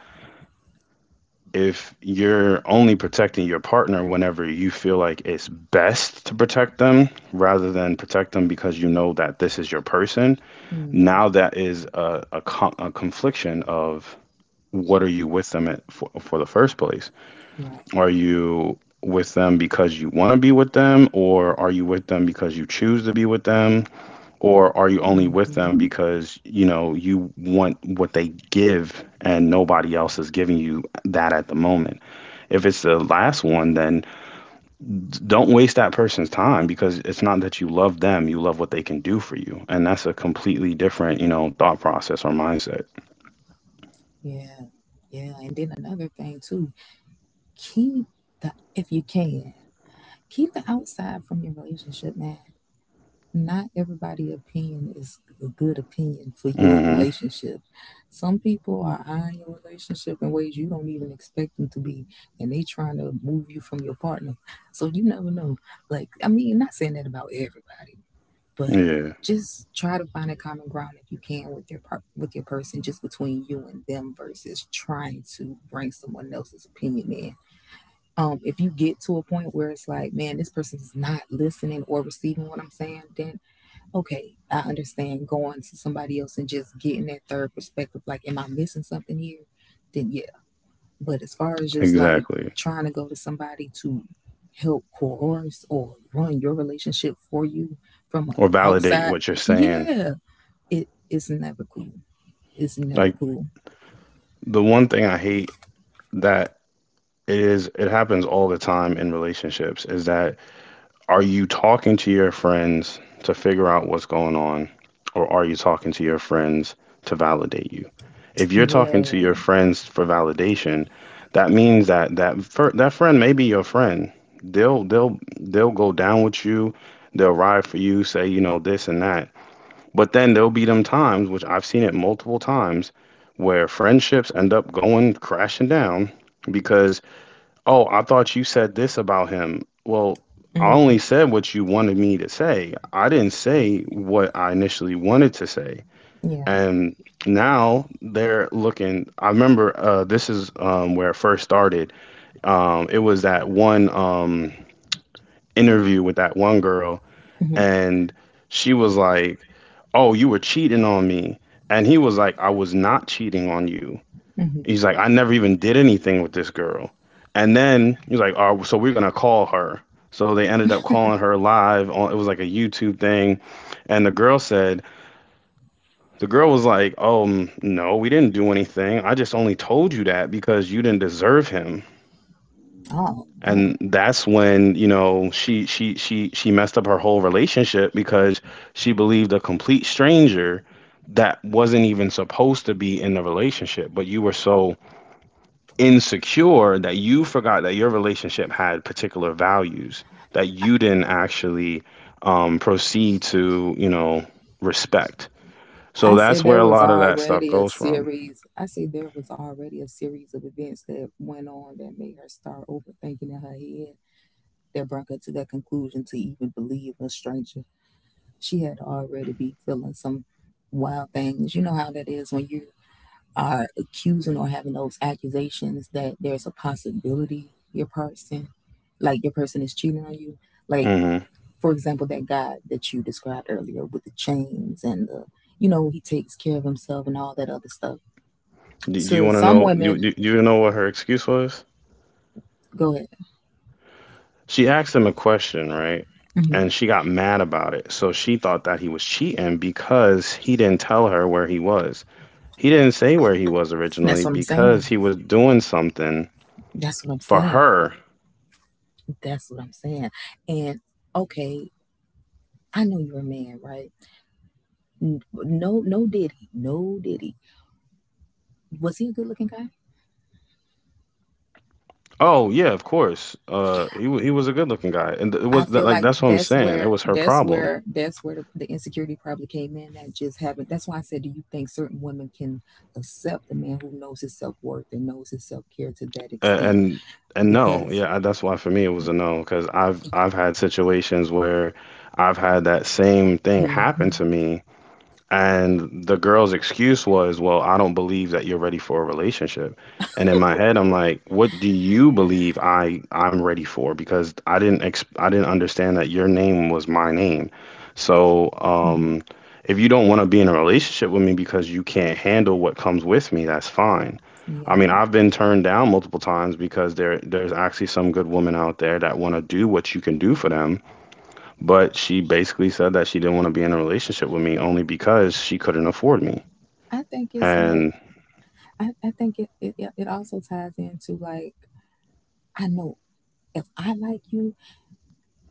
Speaker 1: if you're only protecting your partner whenever you feel like it's best to protect them rather than protect them because you know that this is your person,
Speaker 2: Mm-hmm.
Speaker 1: now that is a, a, con- a confliction of what are you with them at, for, for the first place?
Speaker 2: Right.
Speaker 1: Are you with them because you want to be with them, or are you with them because you choose to be with them, or are you only with
Speaker 2: Mm-hmm.
Speaker 1: them because you know you want what they give and nobody else is giving you that at the moment? If it's the last one, then don't waste that person's time because it's not that you love them, you love what they can do for you. And that's a completely different, you know, thought process or mindset.
Speaker 2: Yeah, yeah. And then another thing too, keep the, if you can, keep the outside from your relationship, man. Not everybody' opinion is a good opinion for your
Speaker 1: Hmm.
Speaker 2: relationship. Some people are eyeing your relationship in ways you don't even expect them to be, and they trying to move you from your partner. So you never know. Like, I mean, not saying that about everybody, but
Speaker 1: Yeah,
Speaker 2: just try to find a common ground if you can with your par- with your person, just between you and them, versus trying to bring someone else's opinion in. Um if you get to a point where it's like, man, this person is not listening or receiving what I'm saying, then okay, I understand going to somebody else and just getting that third perspective, like, am I missing something here, then yes. But as far as just like
Speaker 1: exactly.
Speaker 2: trying to go to somebody to help coerce or run your relationship for you from
Speaker 1: Or validate
Speaker 2: outside,
Speaker 1: what you're saying.
Speaker 2: yeah, it it's never cool. It's never
Speaker 1: Like
Speaker 2: cool.
Speaker 1: the one thing I hate that it is it happens all the time in relationships is that are you talking to your friends to figure out what's going on, or are you talking to your friends to validate you? If you're talking to your
Speaker 2: Yeah.
Speaker 1: friends for validation, that means that that fir- that friend may be your friend. They'll they'll they'll go down with you. They'll ride for you, say you know this and that. But then there'll be them times, which I've seen it multiple times, where friendships end up going crashing down because, "Oh, I thought you said this about him." Well, I only
Speaker 2: Mm,
Speaker 1: said what you wanted me to say. I didn't say what I initially wanted to say.
Speaker 2: yeah.
Speaker 1: And now they're looking. I remember, uh, this is, um, where it first started. Um, it was that one um, interview with that one girl,
Speaker 2: Hmm.
Speaker 1: and she was like, "Oh, you were cheating on me." And he was like, "I was not cheating on you."
Speaker 2: Hmm.
Speaker 1: He's like, "I never even did anything with this girl." And then he's like, "Oh, so we're gonna call her." So they ended up calling her live on, it was like a YouTube thing. And the girl said, the girl was like, um, "No, we didn't do anything. I just only told you that because you didn't deserve him."
Speaker 2: Oh man,
Speaker 1: And that's when, you know, she she she she messed up her whole relationship because she believed a complete stranger that wasn't even supposed to be in the relationship, but you were so insecure that you forgot that your relationship had particular values that you didn't actually, um, proceed to, you know, respect. So
Speaker 2: I said
Speaker 1: that's where
Speaker 2: there
Speaker 1: a
Speaker 2: was
Speaker 1: lot of that stuff
Speaker 2: already a
Speaker 1: goes from.
Speaker 2: series. I say there was already a series of events that went on that made her start overthinking in her head, that brought her to that conclusion to even believe a stranger. She had already be feeling some wild things. You know how that is when you are accusing or having those accusations that there's a possibility your person, like your person is cheating on you. Like,
Speaker 1: Hmm.
Speaker 2: for example, that guy that you described earlier with the chains and the, you know, he takes care of himself and all that other stuff.
Speaker 1: Do, do you
Speaker 2: To
Speaker 1: want to
Speaker 2: some
Speaker 1: know? Do,
Speaker 2: women,
Speaker 1: do, do you know what her excuse was?
Speaker 2: go ahead.
Speaker 1: She asked him a question, right?
Speaker 2: Hmm.
Speaker 1: And she got mad about it. So she thought that he was cheating because he didn't tell her where he was. He didn't say where he was
Speaker 2: That's
Speaker 1: originally
Speaker 2: what I'm saying.
Speaker 1: because he was doing something
Speaker 2: That's what I'm
Speaker 1: for
Speaker 2: saying.
Speaker 1: her.
Speaker 2: That's what I'm saying. And okay, I know you're a man, right? No, no, did he? No, did he? Was he a good looking guy?
Speaker 1: Oh yeah, of course. Uh, he wa- he was a good looking guy, and th- it
Speaker 2: I
Speaker 1: was that
Speaker 2: feel
Speaker 1: like
Speaker 2: like
Speaker 1: that's what I'm
Speaker 2: that's
Speaker 1: saying. It
Speaker 2: where
Speaker 1: was her
Speaker 2: that's
Speaker 1: problem.
Speaker 2: where that's where the, the insecurity probably came in. That just happened. That's why I said, do you think certain women can accept a man who knows his self worth and knows his self care to that
Speaker 1: A-
Speaker 2: extent?
Speaker 1: and and no,
Speaker 2: Because,
Speaker 1: yeah, I- that's why for me it was a no because I've I've had situations where I've had that same thing happen
Speaker 2: hmm.
Speaker 1: to me. And the girl's excuse was, "Well, I don't believe that you're ready for a relationship." And in my head, I'm like, what do you believe I I'm ready for? Because I didn't ex- I didn't understand that your name was my name. So,
Speaker 2: Hmm.
Speaker 1: um, if you don't want to be in a relationship with me because you can't handle what comes with me, that's fine. I
Speaker 2: Yeah,
Speaker 1: mean, I've been turned down multiple times because there there's actually some good women out there that want to do what you can do for them, but she basically said that she didn't want to be in a relationship with me only because she couldn't afford me.
Speaker 2: I think it's like,
Speaker 1: And
Speaker 2: I, I think it, it it also ties into like, I know if I like you,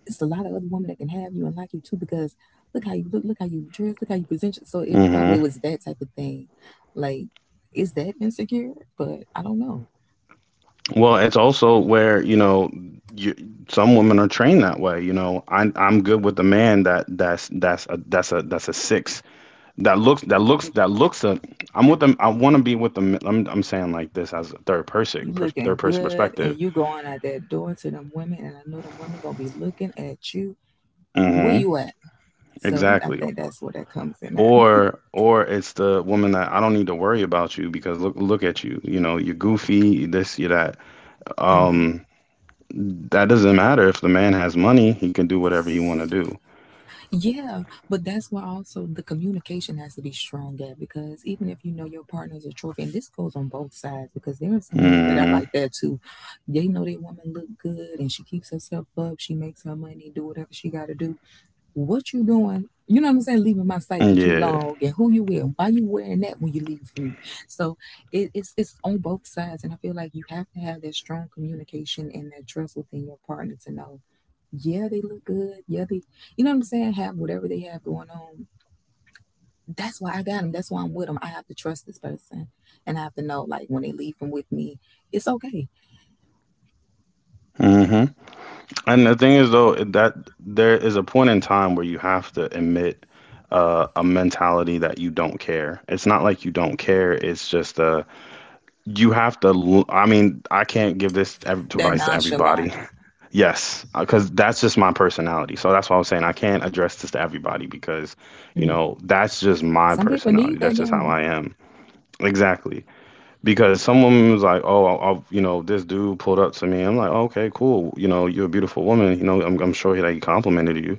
Speaker 2: it's a lot of other women that can have you and like you too because look how you look, look how you dress, look how you present. your- So it
Speaker 1: hmm
Speaker 2: probably was that type of thing. Like, is that insecure? But I don't know.
Speaker 1: well, it's also where, you know, you, some women are trained that way. You know, I'm I'm good with a man that that's that's a that's a that's a six that looks that looks that looks a, I'm with them. I want to be with them. I'm I'm saying like this as a third person
Speaker 2: You
Speaker 1: pers- third
Speaker 2: looking
Speaker 1: person
Speaker 2: good and
Speaker 1: perspective.
Speaker 2: you going out that door to them women, and I know them women gonna be looking at you. Where
Speaker 1: Hmm.
Speaker 2: you at? So I
Speaker 1: Exactly.
Speaker 2: think that's where that comes in at.
Speaker 1: Or or it's the woman that I don't need to worry about you because look look at you. You know, you're goofy, this, you're that.
Speaker 2: Mm-hmm.
Speaker 1: Um, that doesn't matter if the man has money, he can do whatever he want to do.
Speaker 2: Yeah, but that's why also the communication has to be strong at, because even if you know your partner's a trophy, and this goes on both sides, because there are some men that are
Speaker 1: Hmm.
Speaker 2: like that too. They know their woman look good and she keeps herself up, she makes her money, do whatever she got to do. What you doing? You know what I'm saying? Leaving my sight for too
Speaker 1: Yeah.
Speaker 2: long, and who you with? Why you wearing that when you leave me? So it, it's it's on both sides, and I feel like you have to have that strong communication and that trust within your partner to know, yeah, they look good. Yeah, they, you know what I'm saying? Have whatever they have going on. That's why I got them. That's why I'm with them. I have to trust this person, and I have to know, like, when they leave them with me, it's okay.
Speaker 1: Hmm. And the thing is though that there is a point in time where you have to admit, uh, a mentality that you don't care. It's not like you don't care, it's just uh you have to l- I mean, I can't give this ev-
Speaker 2: That
Speaker 1: advice to
Speaker 2: nonchalant.
Speaker 1: everybody. Yes, because that's just my personality. So that's why I'm saying I can't address this to everybody because, you
Speaker 2: Mm.
Speaker 1: know, that's just my
Speaker 2: Some people
Speaker 1: personality.
Speaker 2: need
Speaker 1: That's
Speaker 2: that
Speaker 1: just how
Speaker 2: game.
Speaker 1: I am. Exactly. Because some woman was like, "Oh, i i you know, this dude pulled up to me." I'm like, "Okay, cool. You know, you're a beautiful woman. You know, I'm, I'm sure that he complimented you.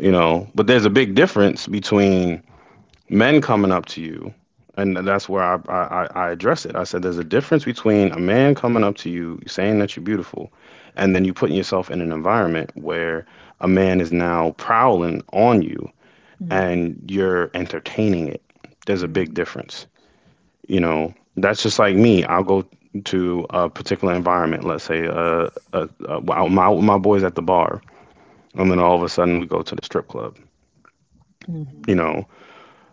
Speaker 1: You know, but there's a big difference between." Men coming up to you, and that's where I, I, I address it. I said there's a difference between a man coming up to you, saying that you're beautiful, and then you putting yourself in an environment where a man is now prowling on you
Speaker 2: Mm-hmm.
Speaker 1: and you're entertaining it. There's a big
Speaker 2: Mm-hmm.
Speaker 1: difference. You know, that's just like me. I'll go to a particular environment, let's say, uh, uh, uh, my, my boys at the bar, and then all of a sudden we go to the strip club.
Speaker 2: Mm-hmm.
Speaker 1: You know,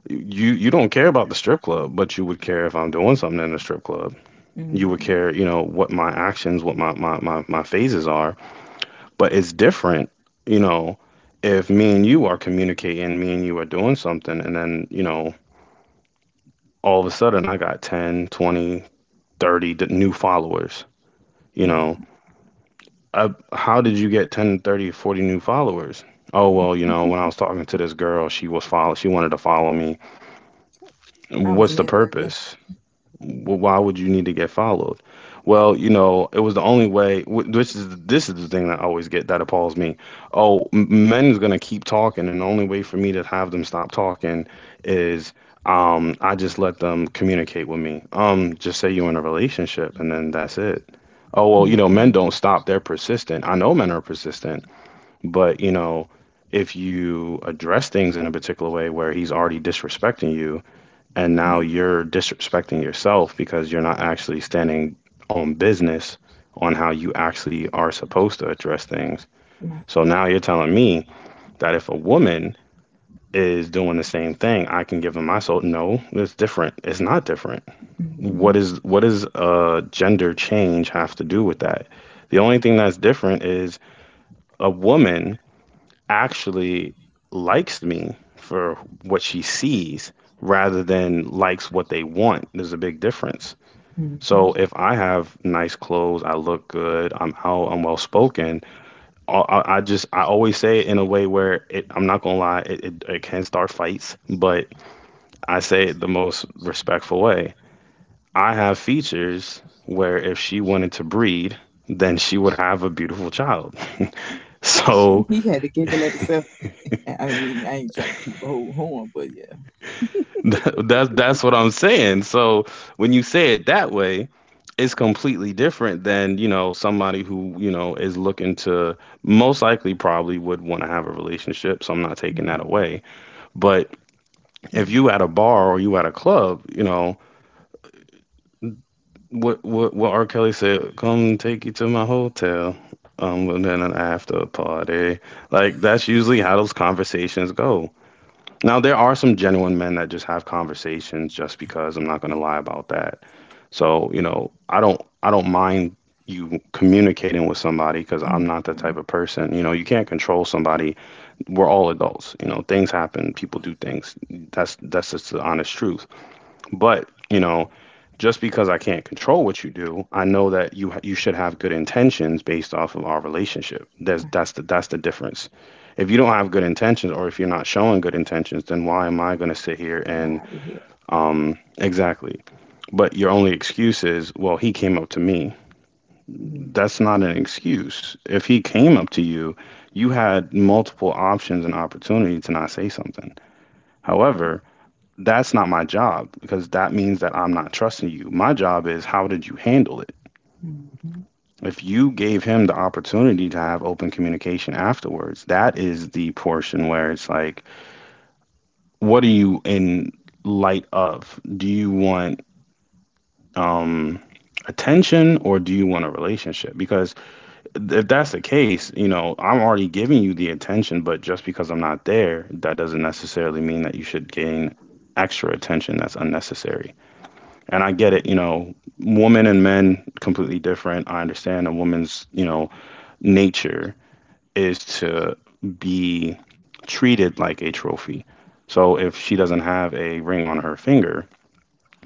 Speaker 1: you you don't care about the strip club, but you would care if I'm doing something in the strip club. You would
Speaker 2: Mm-hmm.
Speaker 1: care, you know, what my actions, what my my my, my phases are. But it's different, you know, if me and you are communicating, me and you are doing something, and then, you know, all of a sudden I got ten, twenty, thirty d- new followers, you
Speaker 2: Yeah,
Speaker 1: know. I, how did you get ten, thirty, forty new followers? Oh, well, you know, when I was talking to this girl, she was follow she wanted to follow me.
Speaker 2: I was
Speaker 1: What's the
Speaker 2: networking.
Speaker 1: purpose? Well, why would you need to get followed? Well, you know, it was the only way. Wh- Which is this is the thing that I always get that appalls me. Oh, m- men's gonna keep talking, and the only way for me to have them stop talking is, um, I just let them communicate with me. Um, just say you're in a relationship, and then that's it. Oh well, you know, men
Speaker 2: Mm-hmm,
Speaker 1: don't stop. They're persistent. I know men are persistent, but you know, if you address things in a particular way where he's already disrespecting you and now
Speaker 2: yeah,
Speaker 1: you're disrespecting yourself because you're not actually standing on business on how you actually are supposed to address things.
Speaker 2: right.
Speaker 1: So now you're telling me that if a woman is doing the same thing, I can give them my soul. No, it's different. It's not different.
Speaker 2: Mm-hmm.
Speaker 1: What is what is a gender change have to do with that? The only thing that's different is a woman actually likes me for what she sees rather than likes what they want. There's a big difference.
Speaker 2: Mm-hmm.
Speaker 1: So if I have nice clothes, I look good, I'm out, I'm well spoken. I, I I just I always say it in a way where it I'm not gonna lie, it, it it can start fights, but I say it the most respectful way. I have features where if she wanted to breed, then she would have a beautiful child. [laughs]
Speaker 2: [laughs]
Speaker 1: So
Speaker 2: He had to giggle at himself. I mean, I ain't trying to toot the whole horn, but yeah.
Speaker 1: [laughs] That's that's what I'm saying. So when you say it that way, it's completely different than, you know, somebody who, you know, is looking to most likely probably would want to have a relationship, so I'm not taking that
Speaker 2: Mm-hmm.
Speaker 1: away. But if
Speaker 2: Mm-hmm.
Speaker 1: you at a bar or you at a club, you know, what what what R. Kelly said, come take you to my hotel. Um, and then an after party. Like that's usually how those conversations go. Now there are some genuine men that just have conversations just because. I'm not gonna lie about that. So, you know, I don't I don't mind you communicating with somebody because I'm not that
Speaker 2: Mm-hmm.
Speaker 1: type of person. You know, you can't control somebody. We're all adults. You know, things happen, people do things. That's that's just the honest truth. But, you know, just because I can't control what you do, I know that you ha- you should have good intentions based off of our relationship. That's
Speaker 2: Why,
Speaker 1: that's the that's the difference. If you don't have good intentions or if you're not showing good intentions, then why am I going to sit here
Speaker 2: why
Speaker 1: and
Speaker 2: are we here?
Speaker 1: um exactly. But your only excuse is, well, he came up to me.
Speaker 2: Mm-hmm.
Speaker 1: That's not an excuse. If he came up to you, you had multiple options and opportunity to not say something. However, that's not my job, because that means that I'm not trusting you. My job is, how did you handle it?
Speaker 2: Mm-hmm.
Speaker 1: If you gave him the opportunity to have open communication afterwards, that is the portion where it's like, what are you in light of? Do you want um attention, or do you want a relationship? Because if that's the case, you know, I'm already giving you the attention, but just because I'm not there, that doesn't necessarily mean that you should gain extra attention that's unnecessary. And I get it,
Speaker 2: Right.
Speaker 1: you know, women and men completely different. I understand a woman's, you know, nature is to be treated like a trophy. So if she doesn't have a ring on her finger,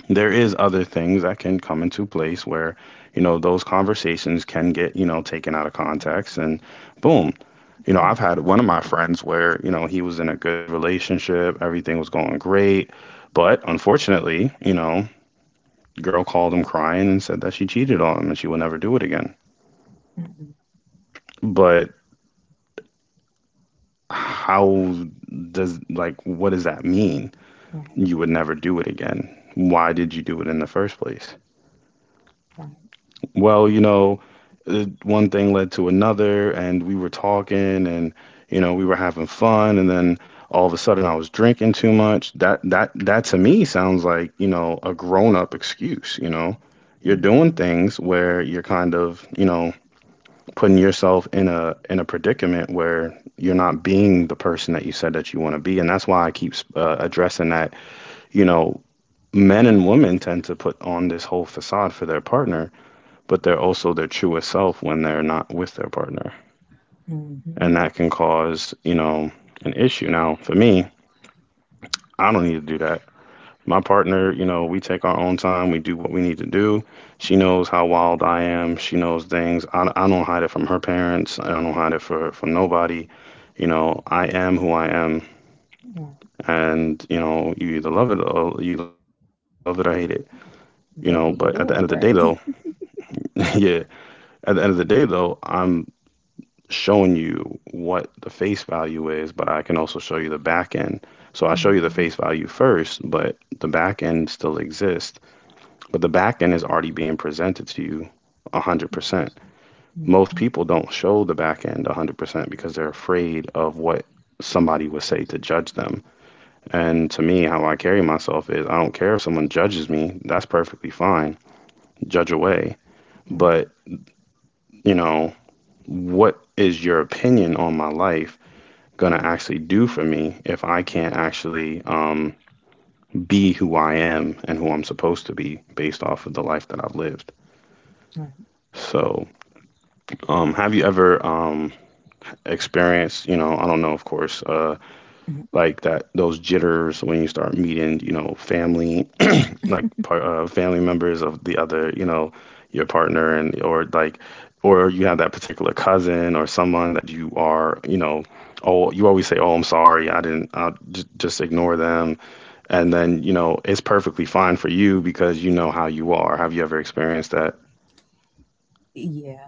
Speaker 1: there is other things that can come into place where, you know, those conversations can get, you know, taken out of context, and boom, you know, I've
Speaker 2: Mm-hmm.
Speaker 1: had one of my friends where, you know, he was in a good relationship, everything was going great, but unfortunately, you know, girl called him crying and said that she cheated on him and she would never do it again.
Speaker 2: Mm-hmm.
Speaker 1: But how does, like, what does that mean,
Speaker 2: Right.
Speaker 1: you would never do it again? Why did you do it in the first place?
Speaker 2: Right.
Speaker 1: Well, you know, uh, one thing led to another, and we were talking, and you know, we were having fun, and then all of a sudden, I was drinking too much. That that that to me sounds like, you know, a grown up excuse. You know, you're doing
Speaker 2: Mm-hmm.
Speaker 1: things where you're kind of, you know, putting yourself in a in a predicament where you're not being the person that you said that you want to be, and that's why I keep uh, addressing that. You know, men and women tend to put on this whole facade for their partner, but they're also their truest self when they're not with their partner.
Speaker 2: Mm-hmm.
Speaker 1: And that can cause, you know, an issue. Now, for me, I don't need to do that. My partner, you know, we take our own time, we do what we need to do. She knows how wild I am. She knows things. I, I don't hide it from her parents. I don't hide it for, from nobody. You know, I am who I am,
Speaker 2: Right.
Speaker 1: and you know, you either love it, or you love it or hate it. You know, but at the end of
Speaker 2: That
Speaker 1: the
Speaker 2: go the
Speaker 1: day,
Speaker 2: door,
Speaker 1: though,
Speaker 2: right? [laughs]
Speaker 1: [laughs] yeah, at the end of the day, though, I'm showing you what the face value is, but I can also show you the back end. So I show you the
Speaker 2: Mm-hmm.
Speaker 1: face value first, but the back end still exists, but the back end is already being presented to you one hundred percent. Most
Speaker 2: Mm-hmm.
Speaker 1: people don't show the back end one hundred percent because they're afraid of what somebody would say to judge them. And to me, how I carry myself is, I don't care if someone judges me, that's perfectly fine. Judge away.
Speaker 2: Right.
Speaker 1: But, you know, what is your opinion on my life gonna actually do for me if I can't actually um, be who I am and who I'm supposed to be based off of the life that I've lived.
Speaker 2: Right.
Speaker 1: So, um, have you ever um, experienced, you know, I don't know, of course, uh,
Speaker 2: Hmm.
Speaker 1: like that, those jitters when you start meeting, you know, family, like part uh, family members of the other, you know, your partner, and or like, or you have that particular cousin or someone that you are, you know, oh, you always say, "Oh, I'm sorry. I didn't I j- just ignore them." And then, you know, it's perfectly fine for you because you know how you are. Have you ever experienced that?
Speaker 2: Yeah.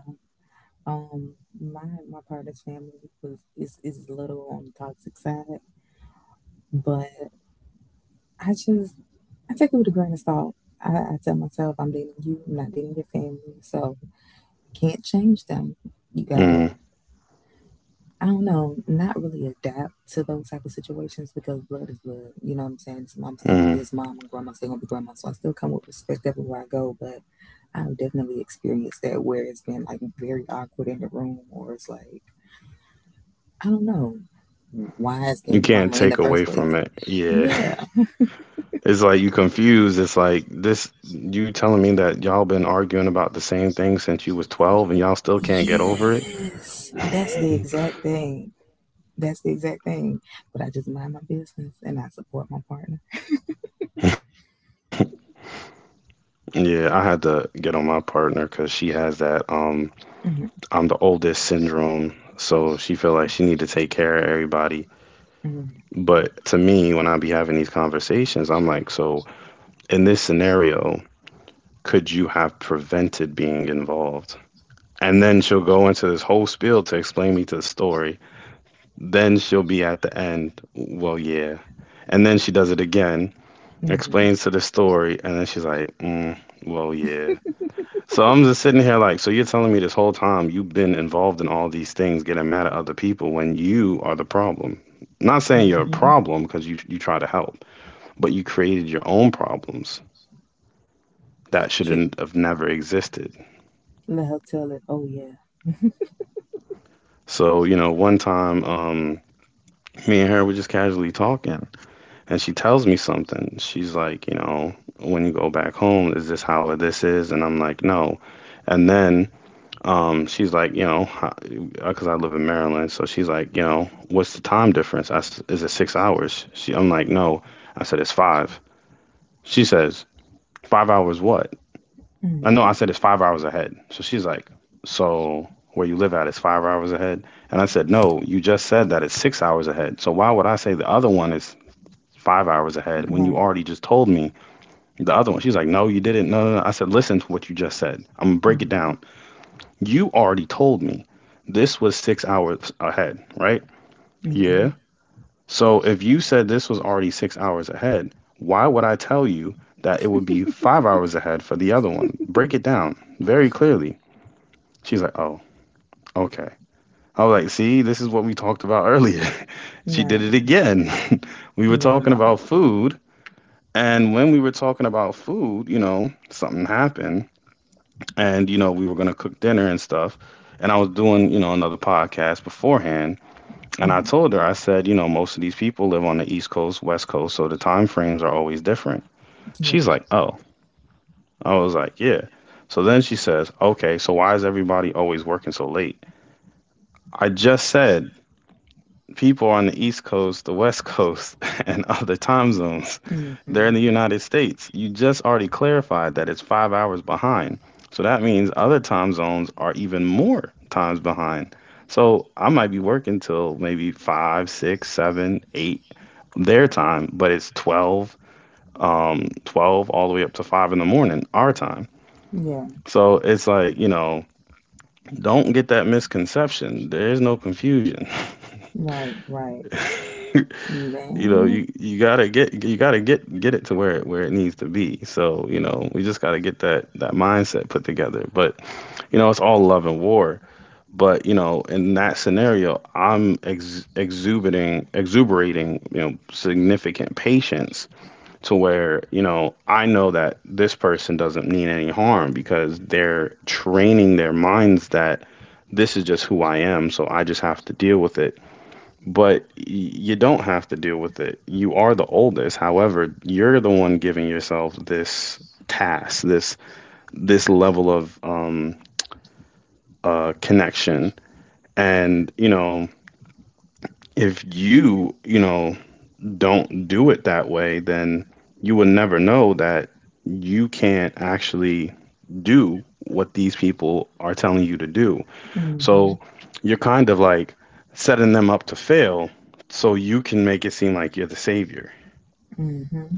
Speaker 2: Um. My my partner's family was is is a little on the toxic side, but I just, I take it with a grain of salt. I, I tell myself I'm dating you, I'm not dating your family, so can't change them. You gotta,
Speaker 1: Mm,
Speaker 2: I don't know, not really adapt to those type of situations because blood is blood. You know what I'm saying? So I'm still gonna be
Speaker 1: mm.
Speaker 2: his mom and grandma's still gonna be grandma. So I still come with respect everywhere I go, but I've definitely experienced that where it's been like very awkward in the room, or it's like, I don't know, why is there
Speaker 1: You can't
Speaker 2: drama in
Speaker 1: take
Speaker 2: the first
Speaker 1: away from
Speaker 2: place?
Speaker 1: it. Yeah. [laughs]
Speaker 2: Yeah.
Speaker 1: It's like you confused. It's like this, you telling me that y'all been arguing about the same thing since you was twelve, and y'all still can't get over it?
Speaker 2: Yes. That's the exact thing. That's the exact thing. But I just mind my business and I support my partner.
Speaker 1: Yeah, I had to get on my partner because she has that um
Speaker 2: Mm.
Speaker 1: I'm the oldest syndrome, so she feel like she need to take care of everybody.
Speaker 2: Hmm. Mm.
Speaker 1: But to me, when I be having these conversations, I'm like, so in this scenario, could you have prevented being involved? And then she'll go into this whole spiel to explain me to the story. Then she'll be at the end, well, yeah. And then she does it again,
Speaker 2: Hmm.
Speaker 1: explains to the story, and then she's like, mm, well, yeah. So I'm just sitting here like, so you're telling me this whole time you've been involved in all these things, getting mad at other people when you are the problem. Not
Speaker 2: Mm.
Speaker 1: saying you're a
Speaker 2: Hmm.
Speaker 1: problem because you you try to help, but you created your own problems that
Speaker 2: Hmm.
Speaker 1: shouldn't have never existed.
Speaker 2: Let her tell it. Oh yeah.
Speaker 1: So you know, one time, um, me and her were just casually talking, and she tells me something. She's like, you know, when you go back home, is this how this is? And I'm like, no. And then Um, she's like, you know, because I live in Maryland, so she's like, you know, what's the time difference? I s is it six hours? She, I'm like, no. I said it's five. She says, five hours what? I
Speaker 2: Hmm.
Speaker 1: know. I said it's five hours ahead. So she's like, so where you live at is five hours ahead? And I said, no. You just said that it's six hours ahead. So why would I say the other one is five hours ahead when you
Speaker 2: Right.
Speaker 1: already just told me the other one? She's like, no, you didn't. No, no, no. I said, listen to what you just said. I'm gonna break it
Speaker 2: Mm-hmm.
Speaker 1: down. You already told me this was six hours ahead, right?
Speaker 2: Mm-hmm.
Speaker 1: Yeah. So if you said this was already six hours ahead, why would I tell you that it would be five hours ahead for the other one? Break it down very clearly. She's like, oh, okay. I was like, see, this is what we talked about earlier. [laughs] she did it
Speaker 2: Right.
Speaker 1: again. [laughs] we were
Speaker 2: Yeah.
Speaker 1: talking
Speaker 2: No.
Speaker 1: about food. And when we were talking about food, you know, something happened. And, you know, we were going to cook dinner and stuff. And I was doing, you know, another podcast beforehand. And I
Speaker 2: Hmm.
Speaker 1: told her, I said, you know, most of these people live on the East Coast, West Coast, so the time frames are always different.
Speaker 2: Yeah.
Speaker 1: She's like, oh. I was like, yeah. So then she says, okay, so why is everybody always working so late? I just said, people on the East Coast, the West Coast, [laughs] and other time zones, they're
Speaker 2: Hmm.
Speaker 1: in the United States. You just already clarified that it's five hours behind. So that means other time zones are even more times behind. So I might be working till maybe five, six, seven, eight their time, but it's twelve, um, twelve all the way up to five in the morning, our time.
Speaker 2: Yeah.
Speaker 1: So it's like, you know, don't get that misconception. There is no confusion. [laughs]
Speaker 2: Right. Right.
Speaker 1: You know,
Speaker 2: Man.
Speaker 1: you, you gotta get, you gotta get get it to where it where it needs to be. So, you know, we just gotta get that that mindset put together. But, you know, it's all love and war. But, you know, in that scenario, I'm ex exuberant exuberating, you know, significant patience to where, you know, I know that this person doesn't mean any harm because they're training their minds that this is just who I am, so I just have to deal with it. But y- you don't have to deal with it. You are the oldest. However, you're the one giving yourself this task, this this level of um uh connection. And, you know, if you, you know, don't do it that way, then you will never know that you can't actually do what these people are telling you to do.
Speaker 2: Mm-hmm.
Speaker 1: So you're kind of like setting them up to fail so you can make it seem like you're the savior.
Speaker 2: Mm-hmm.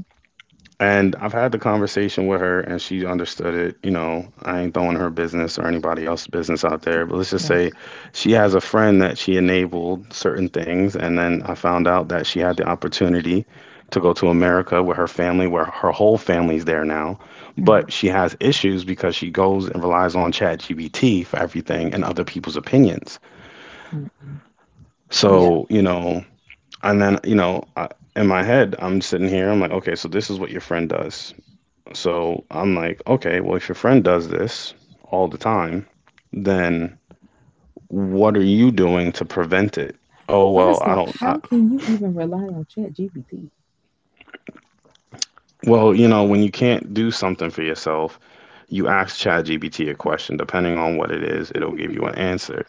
Speaker 1: And I've had the conversation with her and she understood it. You know, I ain't throwing her business or anybody else's business out there, but let's just
Speaker 2: Right.
Speaker 1: say she has a friend that she enabled certain things. And then I found out that she had the opportunity to go to America with her family, where her whole family's there now.
Speaker 2: Mm-hmm.
Speaker 1: But she has issues because she goes and relies on ChatGPT for everything and other people's opinions.
Speaker 2: Mm-hmm. Yeah.
Speaker 1: So, you know, and then, you know, I, in my head, I'm sitting here, I'm like, okay, so this is what your friend does. So I'm like, okay, well, if your friend does this all the time, then what are you doing to prevent it? Oh, well,
Speaker 2: First
Speaker 1: I
Speaker 2: off,
Speaker 1: don't,
Speaker 2: how
Speaker 1: I,
Speaker 2: can you even rely on Chat G P T?
Speaker 1: well, you know, when you can't do something for yourself, you ask ChatGPT a question. Depending on what it is, it'll give you an answer.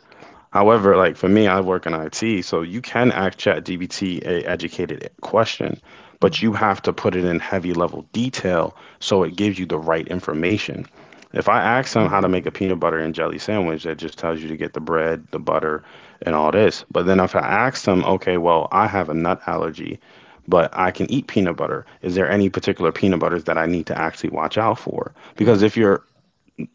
Speaker 1: However, like for me, I work in I T, so you can ask ChatGPT a educated question, but you
Speaker 2: Mm-hmm.
Speaker 1: have to put it in heavy level detail so it gives you the right information. If I ask him how to make a
Speaker 2: Mm-hmm.
Speaker 1: peanut butter and jelly sandwich, that just tells you to get the bread, the butter, and all this. But then if I ask him, okay, well, I have a nut allergy, but I can eat peanut butter. Is there any particular peanut butters that I need to actually watch out for?
Speaker 2: Yeah.
Speaker 1: Because if you're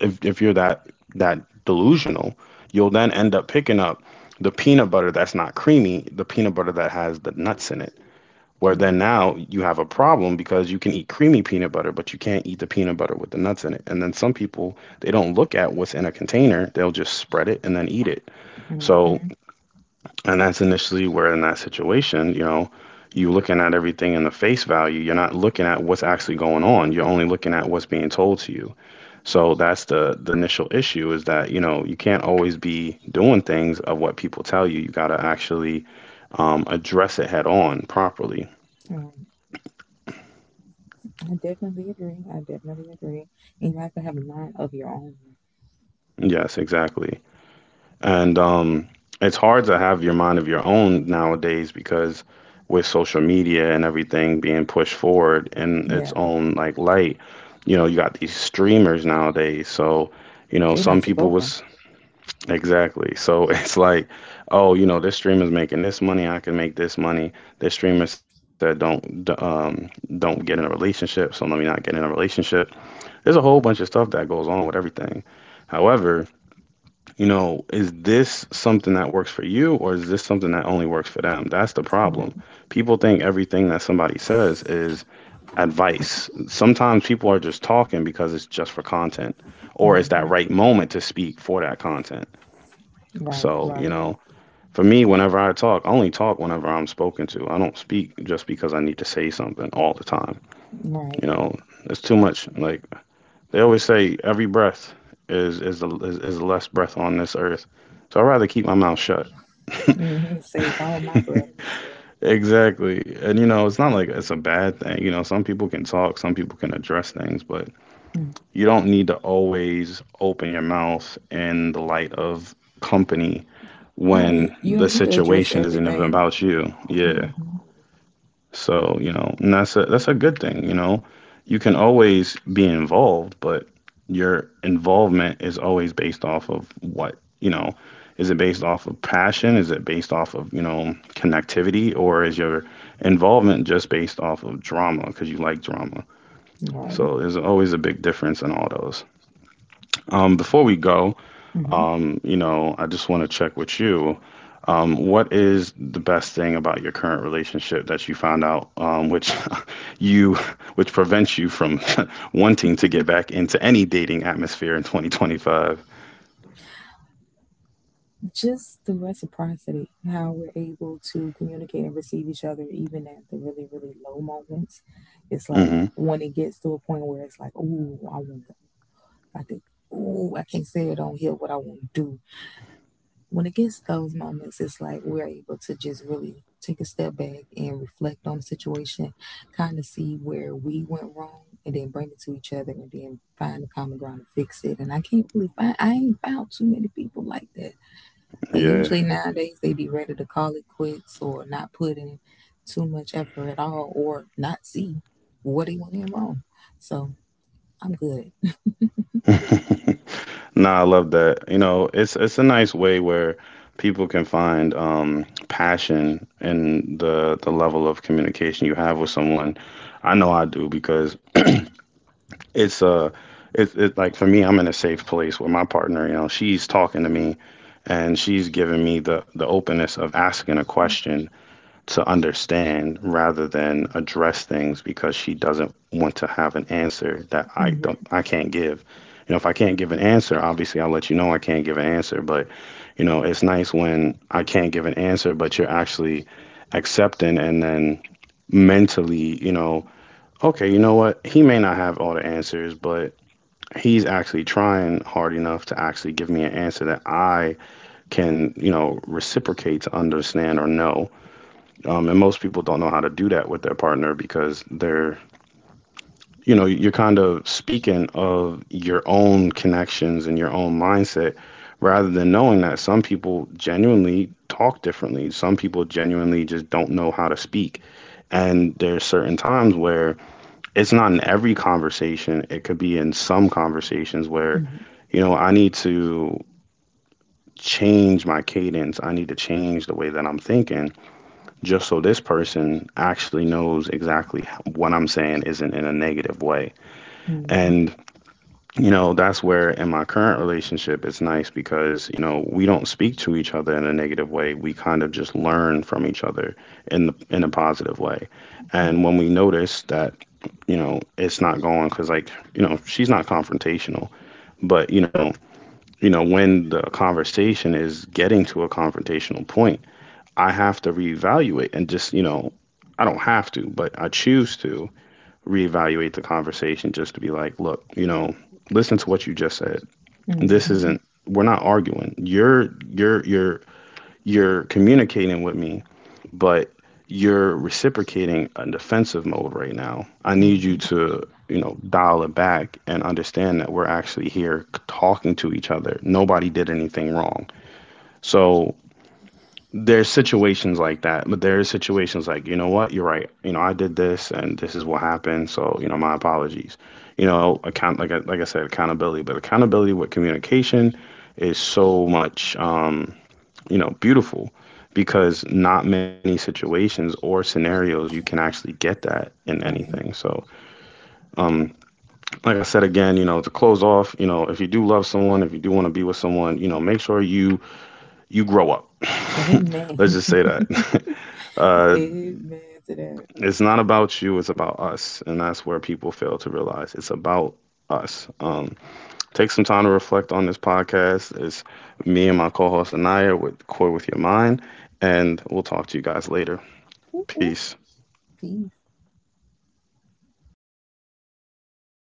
Speaker 1: if if you're that that delusional, you'll then end up picking up the peanut butter that's not creamy, the peanut butter that has the nuts in it. Where
Speaker 2: Yeah.
Speaker 1: then now you have a problem because you can eat creamy peanut butter, but you can't eat the peanut butter with the nuts in it. And then some people, they don't look at what's in a container, they'll just spread it and then eat it. So
Speaker 2: Mm-hmm.
Speaker 1: and that's initially where in that situation, you know, you're looking at everything in the face value. You're not looking at what's actually going on. You're only looking at what's being told to you. So that's the the initial issue is that, you know, you can't always be doing things of what people tell you. You got to actually um, address it head on properly.
Speaker 2: Um, I definitely agree. I definitely agree. And you have to have a mind of your own.
Speaker 1: Yes, exactly. And um, it's hard to have your mind of your own nowadays because with social media and everything being pushed forward in its
Speaker 2: Yeah.
Speaker 1: own like light, you know, you got these streamers nowadays. So, you know,
Speaker 2: They not
Speaker 1: some
Speaker 2: took
Speaker 1: people
Speaker 2: over.
Speaker 1: was exactly. So [laughs] it's like, oh, you know, this streamer's making this money, I can make this money. This streamer said don't d- um don't get in a relationship, so let me not get in a relationship. There's a whole bunch of stuff that goes on with everything. However, you know, is this something that works for you or is this something that only works for them? That's the
Speaker 2: Yeah.
Speaker 1: problem. People think everything that somebody says is advice. Sometimes people are just talking because it's just for content or it's that
Speaker 2: Mm-hmm.
Speaker 1: right moment to speak for that content.
Speaker 2: Right.
Speaker 1: So, you
Speaker 2: Right.
Speaker 1: know, for me, whenever I talk, I only talk whenever I'm spoken to. I don't speak just because I need to say something all the time. You
Speaker 2: Right.
Speaker 1: know, it's too much. Like they always say, every breath is is the is, is the less breath on this earth. So I'd rather keep my mouth shut. [laughs]
Speaker 2: Hmm. Save all my breath.
Speaker 1: Exactly. And you know, it's not like it's a bad thing. You know, some people can talk, some people can address things, but
Speaker 2: Mhm.
Speaker 1: you don't need to always open your mouth in the light of company when
Speaker 2: Right. You
Speaker 1: the
Speaker 2: don't need to address
Speaker 1: situation isn't even
Speaker 2: everything.
Speaker 1: about you. Yeah.
Speaker 2: Hmm.
Speaker 1: So, you know, and that's a that's a good thing, you know. You can always be involved, but your involvement is always based off of what, you know, is it based off of passion? Is it based off of, you know, connectivity? Or is your involvement just based off of drama because you like drama?
Speaker 2: Right.
Speaker 1: So there's always a big difference in all those. Um, before we go,
Speaker 2: Hmm.
Speaker 1: um, you know, I just want to check with you. Um, what is the best thing about your current relationship that you found out, um, which [laughs] you, which prevents you from [laughs] wanting to get back into any dating atmosphere in twenty twenty-five?
Speaker 2: Just the reciprocity, how we're able to communicate and receive each other, even at the really, really low moments. It's like
Speaker 1: Hmm.
Speaker 2: when it gets to a point where it's like, ooh, I want to, I think, ooh, I can't say it on here what I want to do. When it gets those moments, it's like we're able to just really take a step back and reflect on the situation, kind of see where we went wrong, and then bring it to each other, and then find the common ground and fix it. And I can't really find, I ain't found too many people like that. Like
Speaker 1: Yeah.
Speaker 2: usually nowadays, they be ready to call it quits or not put in too much effort at all, or not see what they went in wrong. So I'm good.
Speaker 1: [laughs] Nah, I love that. You know, it's it's a nice way where people can find um passion in the the level of communication you have with someone. I know I do because it's uh it's it like for me, I'm in a safe place with my partner. You know, she's talking to me and she's giving me the the openness of asking a question to understand rather than address things because she doesn't want to have an answer that i don't
Speaker 2: Mm-hmm,
Speaker 1: i can't give. You know, if I can't give an answer, obviously I'll let you know I can't give an answer, but you know, it's nice when I can't give an answer but you're actually accepting and then mentally, you know, okay, you know what? He may not have all the answers, but he's actually trying hard enough to actually give me an answer that I can, you know, reciprocate to understand or know. Um, and most people don't know how to do that with their partner because they're, you know, you're kind of speaking of your own connections and your own mindset rather than knowing that some people genuinely talk differently. Some people genuinely just don't know how to speak. And there's certain times where it's not in every conversation. It could be in some conversations where,
Speaker 2: mm-hmm,
Speaker 1: you know, I need to change my cadence. I need to change the way that I'm thinking just so this person actually knows exactly h- what I'm saying isn't in a negative way.
Speaker 2: mm-hmm,
Speaker 1: And, you know, that's where in my current relationship, it's nice because, you know, we don't speak to each other in a negative way. We kind of just learn from each other in the, in a positive way.
Speaker 2: right,
Speaker 1: And when we notice that, you know, it's not going because like, you know, she's not confrontational, but you know, you know when the conversation is getting to a confrontational point, I have to reevaluate and just, you know, I don't have to but I choose to reevaluate the conversation just to be like, look, you know, listen to what you just said. This
Speaker 2: mm-hmm,
Speaker 1: isn't, we're not arguing. you're you're you're you're communicating with me, but you're reciprocating a defensive mode right now. I need you
Speaker 2: mm-hmm,
Speaker 1: to, you know, dial it back and understand that we're actually here talking to each other. Nobody did anything wrong. So there's situations like that, but there are situations like, you know what, you're right. You know, I did this and this is what happened. So, you know, my apologies. You know, account like I, like I said, accountability, but accountability with communication is so much. Um, you know, beautiful, because not many situations or scenarios you can actually get that in anything.
Speaker 2: right.
Speaker 1: So, um, like I said again, you know, to close off, you know, if you do love someone, if you do want to be with someone, you know, make sure you you grow up. [laughs] Let's
Speaker 2: Amen.
Speaker 1: just
Speaker 2: [laughs]
Speaker 1: say that. [laughs] Uh,
Speaker 2: Amen to that.
Speaker 1: it's not about you, it's about us, and that's where people fail to realize it's about us. Um, take some time to reflect on this podcast. It's me and my co-host Anaya with Core with Your Mind, and we'll talk to you guys later.
Speaker 2: Ooh, ooh,
Speaker 1: Peace.
Speaker 2: peace.